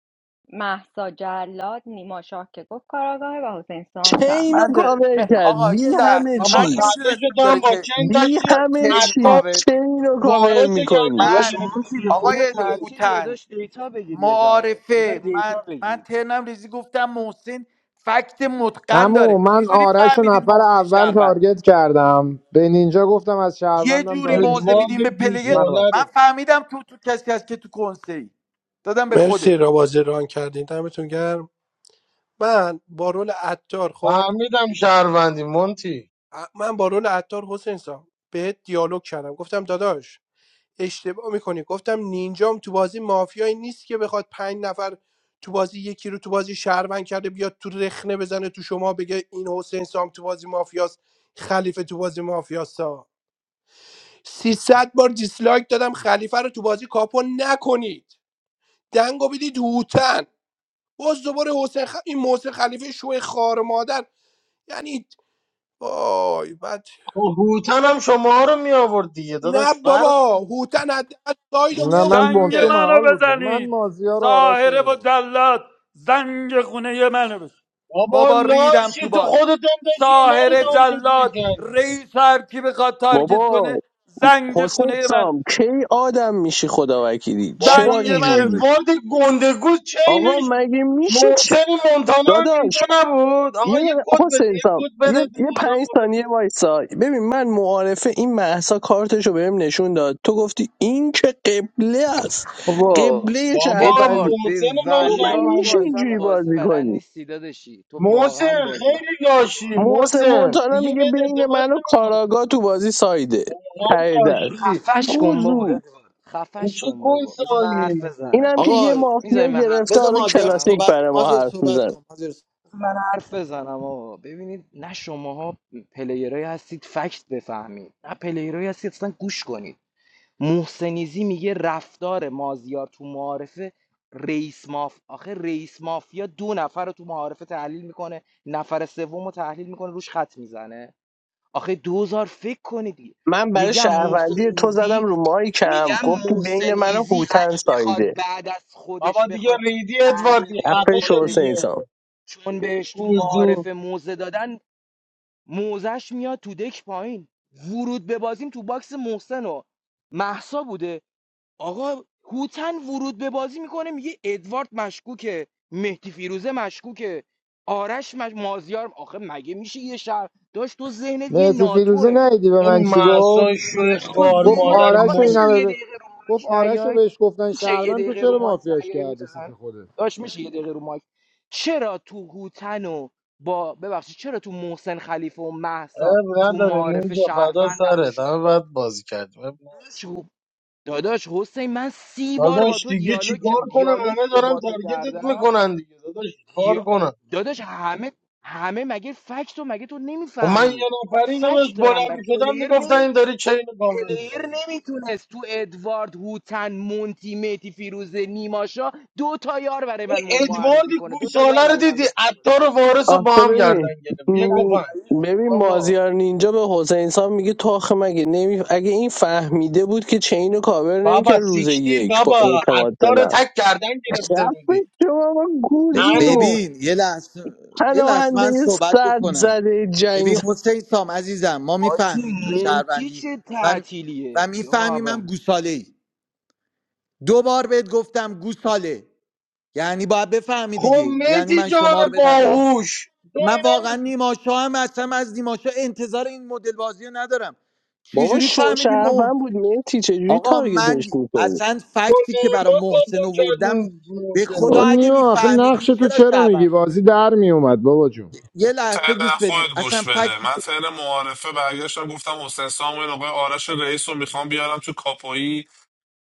محسا جلاد نیما شاه که گفت کاراگاهه و حسین سام
چینو
شهروند
من ده...
کاور
بفهم.
کرد
آقا یه
بی همه
لحظه
بابا
من که
چیز
خطه
میدونستم
شدم
داره
با
چه
چند
بی
داشتی
چه
همه
اینو
چیز
حتی
کاور میکنه
چینو کاور
وارث گردم
میکنی
داشت
من
میگرفتی
مونتی به
دیگه
خدا
آقای
گوزو
تعطیل یا
هوتن
داشت دیتا بگیر یه ذره یه ذره
معارفه من
دیتا
من
بگیر
ترنم ریزی گفتم محسن فکت متقن
اما
داره
من
چجوری
آرش و
فهمیدین
نفر
محسن
اول
شهروند
تارگت کردم به نینجا گفتم از
یه
شهروندم
جوری
تارگت
موزه
ادوارد
میدیم
خوردی
به پلگر
من
گوساله
بس
رو
من فهمیدم تو تو کسی هست که تو کنسه ای دادم به خودت
مرسی را بازی ران کردین دمتون گرم من با رول عطار خب
فهمیدم شهروندی مونتی
من با رول عطار حسین سام بهت دیالوگ کردم گفتم داداش اشتباه میکنی گفتم نینجام تو بازی مافیایی نیست که بخواد پنج نفر تو بازی یکی رو تو بازی شهروند کرده بیاد تو رخنه بزنه تو شما بگه این حسین سام تو بازی مافیاست خلیفه تو بازی مافیاستا 300 بار دیسلایک دادم خلیفه رو تو بازی کاپو نکنید دنگو بدید هوتن باز دوباره حسین خ... این محسن خلیفه شو خار مادر یعنی وای بد
خب هوتن هم شما رو می آورد دیگه داداش
نه
فرق
بابا
نمی-
هوتن حد سایدو
نه من
زنگ
بونتو
می‌آورد.
منو
محال بود من
بزنید
مازیار و آرش رو
ساهره و
میبود
جلاد زنگ خونه منو بزن
بابا
بابا ریدم تو
لاشی تو
باز
خودت هم داشتی اینا رو
ساهره
تارگت
جلاد
میکردی
رئیس هر کی بخواد تارگت
بابا
کنه زنگ
حسین
خونه منو بزن.
سام کی آدم میشی خدا وکیلی
بابا
چرا
زنگ
این
منو
اینجوری
بزن
ادوارد گندگوز
آقا
چینش
مگه میشه چی؟
محسن مونتانا هم اینجا
داداش
نبود
یه
آقا یه
دقیقه-
کد بده
حسین
یه
سام
کد
یه,
بده
یه
دوباره
پنج
کد
ثانیه
بده.
وایسا ببین من معارفه این مهسا کارتشو بهم نشون داد تو گفتی این که قبله است
بابا
قبله
بابا
شهروندی
ادوارد به
محسن من
او مگه
والله تو
شهروند
میشه
اصلا
اینجوری
داشتم
بازی
بازی
بلد
کنی
نیستی داداشی تو واقعا
محسن
بازی بلد
خیلی
نیستی
لاشی
ادوارد
محسن
محسن
مونتانا
دیگه
میگه
بهت
بین
اعتماد
من و کاراگا تو بازی سایده
نمیکنه
ته در
لاشی
خفش کن بابا
گوزو
ادوارد
این
خفش
چه
کن بابا بذار
کسایی
من حرف
میگی؟
بزنم
اینم که
آقا
یه
میذاری
مافیا
من حرف
گرفته
بذار
حالا
مازیار
بزنم
کلاسیک
صحبت
حسین
کن
برای ما
مازیار
حرف
صحبت
میزنه
کن مازیار صحبت.
بذار من حرف بزنم آقا ببینید نه شماها پلیرایی هستید فکت بفهمید نه پلیرایی هستید اصلا گوش کنید محسنیزی میگه رفتار مازیار تو معارفه رئیس ماف آخه رئیس مافیا دو نفر رو تو معارفه تحلیل میکنه نفر سوم رو تحلیل میکنه روش خط میزنه آخه دوزار فکر کنید
من برای
میگم محسن
شهروندی تو زدم
ایزی
رو مایکم
میگم
گفتی بین
محسن
من و
ایزی
هوتن
اگه
سایده
بخواد بعد از خودش
بابا دیگه
بخواد
ریدی
تحلیل
ادواردی
کنه
خفه
رفتش
شو
چون بس
دیگه
حسین سام
چون بهش تو
گوزو
معارفه موزه دادن موزش میاد تو دک پایین ورود به بازیم تو باکس محسن و محسا بوده آقا هوتن ورود به بازی میکنه میگه ادوارد مشکوکه مهدی فیروزه مشکوکه آرش مش... مازیار آخه مگه میشه یه شهر داشت تو ذهنت یه
مهتی فیروزه
ناتوه
نیدی به من
این
چی
محسا
گفت
داداش
شوی
تو
خوار
گفت
ذهنت
مادر
آقا
آرش و این
میشه
مرد
همه
یه
به-
دقیقه رو
گفت
مایک
آرش رو
نیاید
بهش گفتن
میشه یه
شهروند تو
دقیقه رو
چرا
مایک
مافیاش
نیاید
کردی سیت
هوتن
خودت
داشت میشه یه دقیقه رو مایک چرا تو هوتن و با ببخشید چرا تو محسن خلیفه و محسا
اب
تو
نداره
معارف
اینجا فدا
شهروندم
سره
توشون
همه باید بازی کردیم عیب نداره.
بود داداش حسین من سی بار با
داداش
تو
دیگه
دیالوگ
چیکار
کردم
کنم همه
دیالوگی که
دارن
با تو
تارگتت
کردم
میکنن دیگه داداش چیکار
دیا-
کنم
داداش همه همه مگه فکت و مگه تو
و من
نمیفهمی
یه نفری داداش
فکت دارم
بلند
بر
میشدم
پلیر
میگفتن
نمی
این داری چین کامل
پلیر
میکنه
نمیتونست تو ادوارد هوتن مونتی میتی فیروزه نیماشا دو تا یار برای
این
من م- معرفی
ادواردی
کنه دو تا یار
گوساله رو
برای من
دیدی
بتونه
عطار و
چین کنه
وارث رو
آخه
با هم
ببین
گردن گرفت بیا
چقدر
م،
گفن
ضعیفید
ببین
بابا
مازیار نینجا به حسین سام میگه تو آخه مگه نمی... اگه این فهمیده بود که چین رو کاور
بابا
نمیکرد روز
سیکتیر
یک با
بابا
اعتماد به
عطار رو
نفس
تک گردن گرفته بودی
رفت شما با
ب-
گوزو
انو
ببین یه لحظه یه لحظه
پناهنده
من صحبت
صد
بکنم
زده جنگ
ببین حسین سام عزیزم ما
حاجی
میفهمیم تو
مونتی
شهروندی
چه
و, و
تعطیلیه
میفهمیم
یا
هم گوساله ای دو بار بهت گفتم گوساله یعنی باید بفهمی
خب
دیگه یعنی
مهدی
من
جان
شما رو به نظر
باهوش تو
من
اینا
واقعا نیماشا هم اصلا از نیماشا انتظار این مدل بازی رو ندارم
بابا
چجوری فهمیدیم
شوشرفن بود میتی چجوری
آقا من
تارگتش میکنی
اصلا
با
فکتی که برای
نیما کابو
محسن
کردن
آوردم به
محسن
خدا
آقا
دیگه
اگه
نیما آخه نقش
میفهمیدین
تو
چرا
چرا
شبم
میگی
بود.
بازی در میومد بابا جون
یه لحظه
فعلا
گوش بدین
خودت
اصلا
گوش بده
فکتی
من
که
فعلا معارفه برگشتم گفتم حسین سام این آقای آرش رئیس رو میخوام بیارم تو کاپویی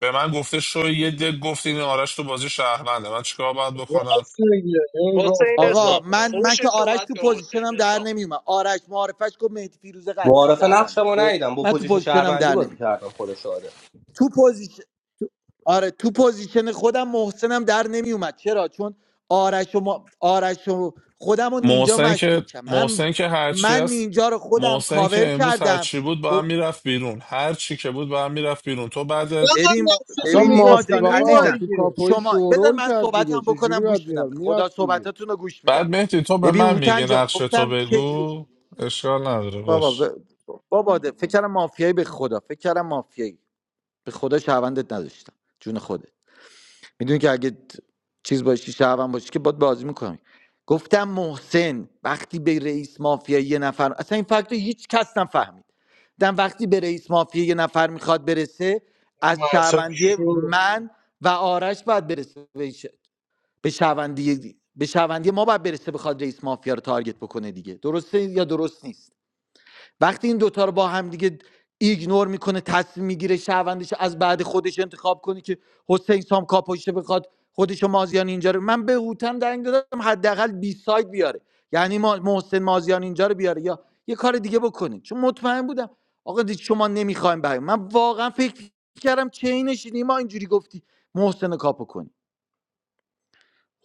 به من گفته شو یه دل گفتی این آرش تو بازی شهرونده من چیکار باید بکنم
راست میگه این گفت
حسین
آره
آقا
سام
من من که
فوشش رو
آرش
باید
تو
به حسین
پوزیشنم در
سام
نمیومد آرش معارفش گفت مهدی فیروزه قطعی
معارف
شهرونده
نقشمو
خب
ندیدم با
من تو
پوزیشن
پوزیشنم
شهروندی
در
بازی
نمیومد
کردم خدا شاده
تو پوزیشن تو- آره تو پوزیشن خودم محسنم در نمیومد چرا چون آرش و ما... آرش و خودم و نینجا
محسن که
مشکوکم من
محسن که هرچی
من
هست
نینجا رو خودم
محسن که
کاور
امروز
کردم
هرچی بود با هم میرفت بیرون هر چی که بود با هم میرفت بیرون تو بعد
چقدر
ببین
نقشه
اصلا
تو
ببین نیما
مافی
میگفتی
جان
نیما
آقا
عزیزم
تو
دیگه
کاپوی
شما بذار
شورول
من
کرد دیگه
صحبتم
چه
بکنم
جوری باید
گوش میدم
میرفت
به خدا
میرفت دیگه
صحبتاتون رو گوش میدم
بعد مهدی تو به
ببین
من
هوتن
میگی
جان
نقشه تو
گفتم چه جور
بگو اشکال نداره
بابا
باش
ب... بابا ده. فکر کردم مافیایی به خدا فکر کردم مافیایی به خدا شهروندت نداشتم جون خودت میدونی که اگه چیز باشی شهروند باشی که باید بازی میکنم گفتم محسن وقتی به رئیس مافیا یه نفر اصلا این فکت رو هیچ کس نفهمید دم وقتی به رئیس مافیا یه نفر میخواد برسه از
محسن
شهروندی
شو
من و آرش باید برسه به ش- به شهروندی به شهروندی ما باید برسه بخواد رئیس مافیا رو تارگت بکنه دیگه درسته یا درست نیست وقتی این دوتا رو با هم دیگه ایگنور میکنه تصمیم میگیره شهروندش از بعد خودش انتخاب کنه که حسین سام کاپوشه بخواد خودش مازیان اینجا رو من به هوتم دنگ دادم حداقل بی ساید بیاره یعنی ما- محسن مازیان اینجا رو بیاره یا یه کار دیگه بکنید چون مطمئن بودم آقا دید شما نمیخوایم بریم من واقعا فکر کردم چینش ما اینجوری گفتی محسن رو کاپو کنی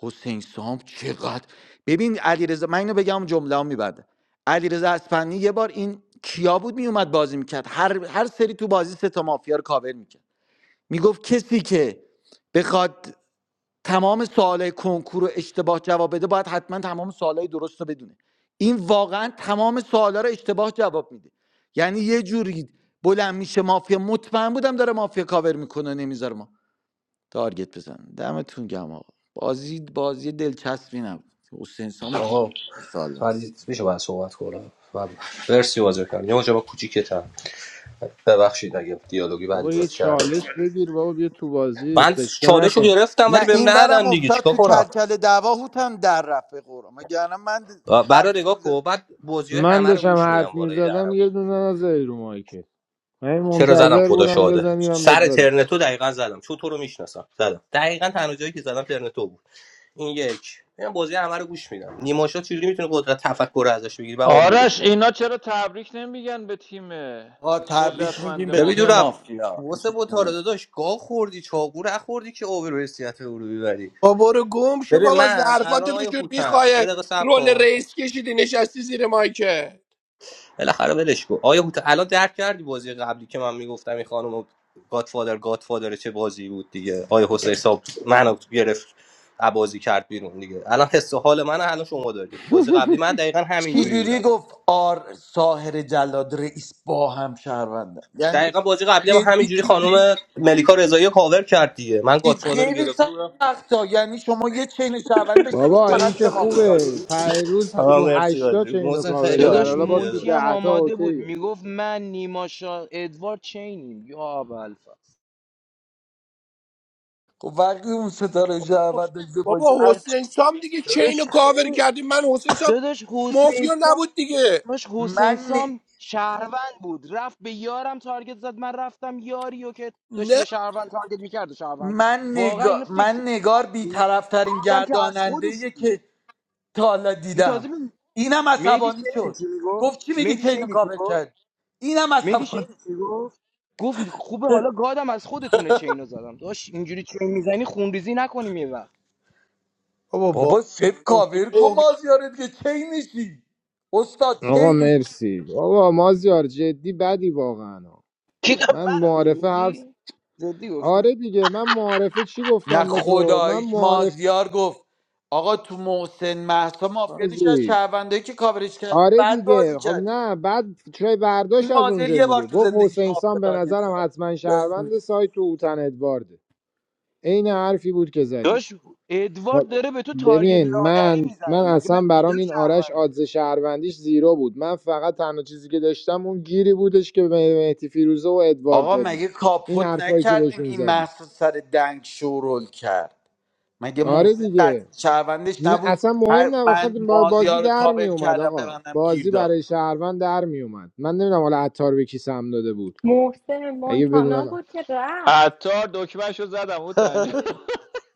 حسین سام چقدر ببین علیرضا من اینو بگم جمله هم میبنده علیرضا اصفهانی یه بار این کیا بود میومد بازی میکرد هر هر سری تو بازی سه تا مافیا رو کاور میکرد میگفت کسی که بخواد تمام سوالای کنکور رو اشتباه جواب بده باید حتما تمام سوالای درست رو بدونه این واقعا تمام سوالا رو اشتباه جواب میده یعنی یه جوری بلند میشه مافیا مطمئن بودم داره مافیا کاور میکنه نمیذاره تارگت بزنن دمتون گم آقا بازی بازی دلچسبی نبود حسین سام جی
آقا
سال است
فرید میشه باید صحبت کنم و مرسی بازی کردم یه مجابا کوچیکتم ببخشید اگه دیالوگی بعدی
بابا یه
بود کردم
چالش بگیر بابا بیا تو بازی
من
سکته
چالش رو
نکن
گرفتم ولی
نه
بهم
این ورم
ندادن دیگه
افتاد
چیکار
تو
کنم
کلکل دعوا هوتن در رفت قرآن مگر من
برای
حرف
نگاه
می‌زد.
کن بعد بازی های
من
همه رو
داشتم
گوش میدم
حرف
بالای درم
میزدم یه دونه نزدی رو مایکت من این
چرا زدم
منتظر
خدا
بودم
شاده
بزنی من بهت
سر
بدم
ترنتو دقیقا زدم چون تو رو میشناسم زدم دقیقا تنها جایی که زدم ترنتو بود این یک من بازی همه رو گوش میدم نیماشا چجوری میتونه قدرت تفکر رو ازش بگیری و آمبولش
آرش
کنی
اینا چرا تبریک نمیگن به تیم
آقا تبریک میگیم
قدرتمند
به
ببین
تیم
دورم
مافیا
مافیا
واسه
میشه
بوتارا
بدونه.
داداش گاه خوردی چاقو رو خوردی که اوبر حیثیت او رو ببری
با برو گم شو
ببین
بابا
من الان
ظرفاتو
آیا
بشور
هوتن یه
میخوای
دقیقه صبر
رول
کن
رئیس کشیدی نشستی زیر مایکه
بالاخره ولش کن آیا هوتن الان درک کردی بازی قبلی که من میگفتم این خانم گادفادر گادفادر چه بازی بود دیگه آیا حسین صاحب منو گرفت بازی کرد بیرون دیگه الان حس و حال من الان شما داری بازی قبلی
[laughs]
من دقیقا همین جوری بودم
چجوری گفت آر ساهر جلاد رئیس با هم شهروندن یعنی
دقیقا بازی قبلی هم
جدی
همینجوری
چجوری
خانم ملیکا رضایی رو کاور کرد دیگه من
چیز
گاتفاده رو
خیلی
گرفته بودم
سخته یعنی شما یه چین شهروند داشته باشی
بابا این
فقط سه
که
مافیا
خوبه پیروز
آه
تو
مرسی
هشتا
بازی
چه اینو
محسن خیلی
کاور کرد
عالی
داداش
حالا باز تو
بود
مونتی هم
دهتا
آماده بود
اوکیه
میگفت من نیما شا... ادوارد چینیم یا ابوالفضل
خب وقتی اون ستاره جعبت داشته باشه
بابا
هر
حسین
چ-
سام دیگه چین رو
داداش
کاور کردی من حسین سام
داداش حسین
مافیا
سام
نبود دیگه
داداش حسین
من
سام
ن-
شهروند بود رفت به یارم تارگت زد من رفتم یاریو که داشت یه
نه
شهروند تارگت میکرد و شهروند کرد
من
واقعا اینو
نگار
فکر
من
کردی
نگار
گفتی
بیطرف‌ترین
آدم که از
گرداننده
خودشون بود
که تا حالا
این تازه
دیدم
به
اینم
مهدی
عصبانی
شنیدی
شد
چی میگو
گفت چی میگی
مهدی
چینو
شنیدی چی
کاور
گفت؟
کرد اینم
مهدی شنیدی
عصبانی
چی گفت گفت خوبه حالا گادم از خودتونه چینو زدم داش اینجوری چین میزنی خونریزی نکنیم یه وقت
بابا
بابا سپ کاور کن
با
مازیار دیگه چینشی استاد
آقا
چینشی
مرسی بابا مازیار جدی بدی واقعا
کی گفت
من
منو
معارفه حفظ
میگی جدی گفتی
آره دیگه من معارفه چی
نه
گفتم به تو من
خداییش مازیار گفت آقا تو محسن محسا مافیا نیست، از
معارفه
شهروندایی که کاورش کردن
آره
بد بازی
دیگه خب
کردی
نه بعد چه برداشت
این
از
مازر
اونجا
یه بار
دیگه
تو
گفت
زندگیش
حسین
مافیا
سام به
تارگت
نظرم
کرد
حتما شهروند سایت تو اوتن ادوارده عین حرفی بود که زدی
داش
خب،
ادوارد داره به تو تارگت
ببین
لادری
من من
میزنه مگه من
اصلا برام
دیدم
این آرش
شهرونده
آدز شهروندیش زیرو بود من فقط تنها چیزی که داشتم اون گیری بودش که به مهدی فیروزه و ادوارد
آقا
دادی
مگه
این
کاپوت
حرفایی که
نکردیم
بهشون
این
زدی
محصول سر دنگ شورول کرد مگه
آره
محسن
دیگه
قطعی شهروندش
نه
نبود
اصلا مهم
هر
نه آخه
من
با- بازی
مازیار رو
در می
کابل
اومد
کردم به
آقا
گیر
بازی
داد
برای شهروند در می اومد من نمیدونم حالا عطار به کی سم داده بود
محسن
اگه
مونتانا
بدونم
بود که رفت
عطار دکمهشو زدم او تنجا
[laughs]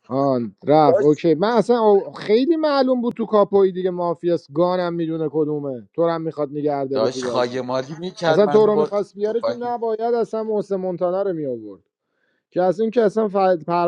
آن رفت
داشت
اوکی من اصلا او- خیلی معلوم بود تو کاپوی دیگه مافیاس گانم میدونه کدومه تو رو هم میخواد نگه داره تو
داشت
بازی
خایمالی میکرد
اصلا تو
منو
رو
با
میخواست بیاره که
توفنگ
نباید اصلا محسن مونتانا رو می آورد که از این که اصلا ف...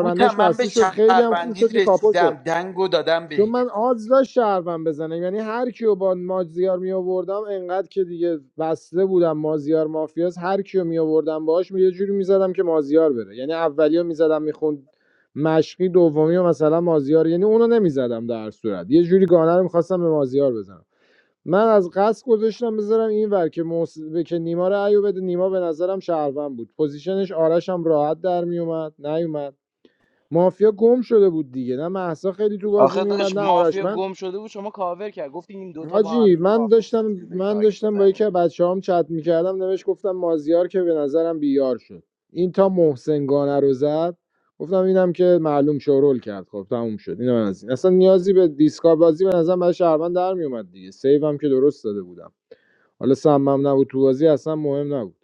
او من به
بسته شد خیلی هم خوب شد
شهروندید
که کاپو شد
رسیدم دنگو دادم
چون
بهش
من آدز داشت شهروند بزنه یعنی هر کیو با مازیار می آوردم انقدر که دیگه بسته بودم مازیار مافیاس هر کیو می آوردم باهاش یه جوری میزدم که مازیار بره یعنی اولیو میزدم میخوند مشقی دومی مثلا مازیار یعنی اونو نمیزدم در هر صورت یه جوری گانه رو میخواستم به مازیار بزنم من از قصد گذاشتم بذارم این ور که, موس... که نیما رو ایو بده نیما به نظرم شهروند بود پوزیشنش آرش هم راحت در میومد نیومد مافیا گم شده بود دیگه نه محسا خیلی تو بازی
آخه
میومد
داش
نه آرش
مافیا
من
گم شده بود شما کاور کرد گفتی این دوتا با هم
حاجی
دیگه
من
مافیا نیستن
داشتم
چجوری به
من
تارگت
داشتم با
میزنی
یکی از بچه‌هام چت میکردم نوشت گفتم مازیار که به نظرم بیار شد این تا محسن گانه رو زد گفتم اینم که معلوم شورول کرد خب تموم شد اینم از این اصلا نیازی به دیسکا بازی به نظرم برای شهروند در میومد دیگه سیو هم که درست داده بودم حالا سمم نبود تو بازی اصلا مهم نبود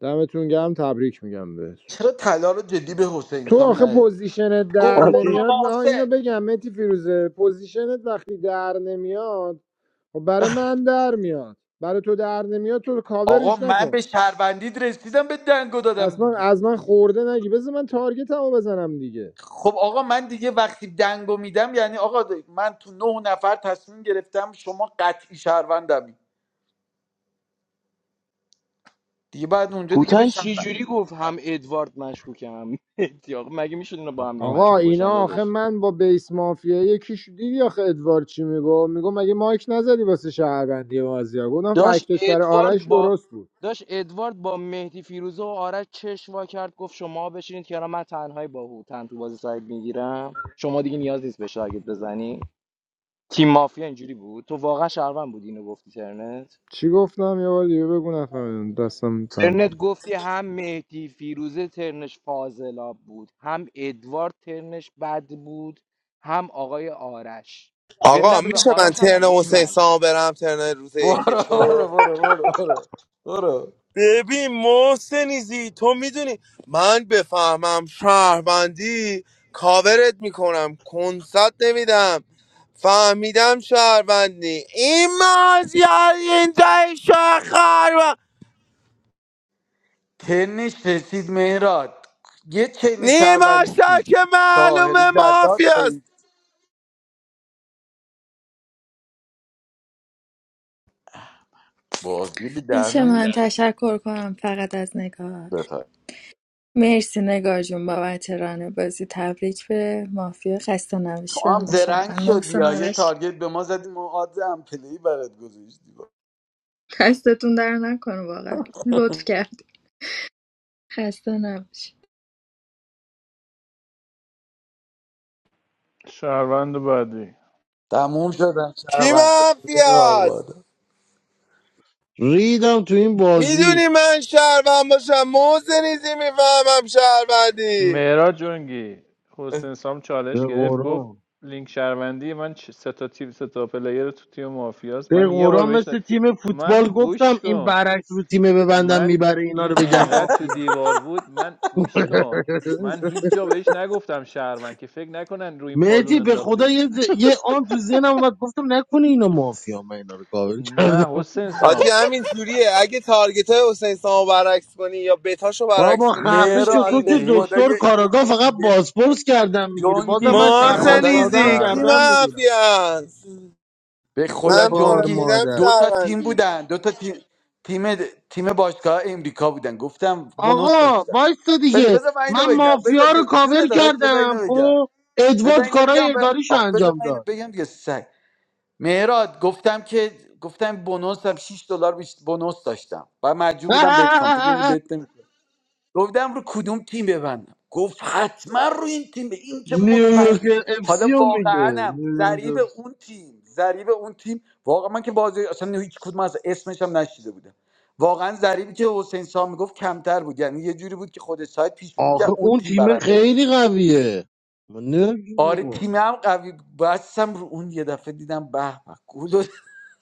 دمتون گرم تبریک میگم بهتون
چرا طلا رو جدی به حسین
تو
سام
آخه
ندادی
پوزیشنت
گفت
در
برو
نمیاد آه اینو
واسه
بگم متی فیروزه پوزیشنت وقتی در نمیاد خب برای من در میاد برای تو در نمیاد تو
آقا
کاورش
من
نکن
به شهروندید رسیدم به دنگو دادم
اصلا
دیگه
از من خورده نگی بذار من تارگتمو بزنم دیگه
خب آقا من دیگه وقتی دنگو میدم یعنی آقا من تو نه نفر تصمیم گرفتم شما قطعی شهروندمی دیگه بعد اونجا دیگه به
کوتن چی
شهروند
جوری گفت هم ادوارد مشکوکم هم مهدی آخه مگه میشه اینا با هم دیگه
آقا
مشکوک باشن
اینا آخه
داداش
من با بیس مافیا یکیش دیدی آخه ادوارد چی میگو میگو مگه مایک نزدی واسه شهروندی بازیا گفتم
داشت
فکتش برای آرش
ادوارد با
درست بود
داشت ادوارد با مهدی فیروزه و آرش چشم وا کرد گفت شما بشینید که من تنهایی با هوتن تو بازی سعید میگیرم شما دیگه نیاز نیست به شاگرد بزنی تیم مافیا اینجوری بود تو واقعا شهروند بودی اینو گفتی ترنت
چی گفتم یه بار دیگه بگو نفهمیدم دستم
ترنت گفتی هم مهدی فیروزه ترنش فاضلاب بود هم ادوارد ترنش بد بود هم آقای آرش به
آقا
نه به
میشه من
آرش هم نه
ترن
گفتی
حسین
من
سامو برم ترن روز
[laughs] برو
یکیشو
برو برو برو برو برو
ببین محسنیزی تو میدونی من بفهمم شهروندی کاورت میکنم کنسات نمیدم فهمیدم شهروندی این مازیار این جای شهر و
تنش رسید مهراد یه چین
نیما
شهروندی چی؟
که
ساحر
معلومه
جلاد
مافیاست
رئیس بازی به
میشه
دهنمون
من تشکر کنم فقط از نگار
بفر
مرسی نگار جون بابت ران بازی تبریک به مافیا خسته نباشی
تو
و
هم
به
زرنگ
شهروند
شدی
محسن
یا یه
آرش
تارگت به ما زدی ما آدز هم پلی برات گذاشتی
دستتون در نکنه واقعا لطف کردی خسته نباشی
شهروند بعدی
تموم شدن
کی
شهرونده توی
مافیاست
قارباده
ریدم تو این
میدونی
بازی
من شهروند باشم موزه نیزی میفهمم شهروندی
مهراد جنگی حسین سام چالش
به
گرفت گفت
قرآن
لینک شهروندی من چ- سه تا تیم سه تا پلیر تو تیم مافیاست
به
من یه بار
قرآن
بهش ن-
مثل تیم فوتبال
من گوش
گفتم این
کن
برعکس رو تیم ببندم
من
میبره اینا
این
رو بگم
انقدر تو
مافیا
دیوار بود من گوش کن
[laughs]
من هیچ جا بهش نگفتم شهروند که فکر نکنن رو این پالون
مهدی به خدا
انداختیم
یه, ز- یه آن تو
[laughs]
ذهنم اومد گفتم نکنه اینا مافیا من اینا رو کاور
نه حسین
حاجی
سام
همین جوریه اگه تارگت های حسین سامو برعکس کنی یا بتاشو
بابا
برعکس کنی
خفه
همیشه
شو
مهراد
تو
به
که
وینی
خدا
بهش
دکتر
یه, یه,
کاراگاه فقط
یه
بازپرس کردم میگیری بازم
جنگی
من
بهش
به
شهروند
محسن
خدا
نگفتم
ساده هم
ایزی کی
گردم
شهروند
میگیرم
مافیاست
به
ای
خدا
من
خار
جنگی
فهمیدم
مادر
دو تا تیم
شهروندی
بودن دو تا تیم تیم تیم باشگاه امریکا بودن گفتم بونوس
آقا
داشتم
وایستا
بز-
دیگه
بذار من
من
اینو بگم بذار
مافیا رو
جو- جون
کاور
داداش بذار
کردم
اینو بگم
خب
بذار
ادوارد
اینو
کارای
بگم ب...
اداریش رو
آقا بذار
انجام
من اینو
داد
بگم دیگه سگ مهراد گفتم که گفتم بونوسم شش دلار بیش بونوس داشتم و مجبور بودم بت کام تو که می‌دونی
[laughs]
بت نمی‌کنم. گفتم رو کدوم تیم ببندم گفت حتما رو این تیم این که
نیویورک
مطمئن
اف
حالا
سی رو
واقعا
میگه
هم ضریب
نیویورک FC.
اون تیم ضریب اون تیم واقعا من که بازی اصلا هیچ کدوم از اسمش هم نشیده بودم واقعا ضریبی که حسین سام میگفت کمتر بود یعنی یه جوری بود که خود سایت پیش بینی
آخه
میکرد اون
اون
تیم
تیم
برنده باشه
خیلی قویه من نمی‌دونم چی
آره
بود.
تیم هم قوی بود. بستم رو اون یه دفعه دیدم به به گل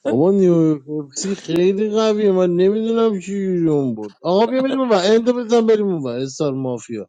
بابا نیوپسی خیلی قویه من نمیدونم چی جوری اون بود آقا بیا بریم اون ور اندو بزن بریم اون ور استار مافیا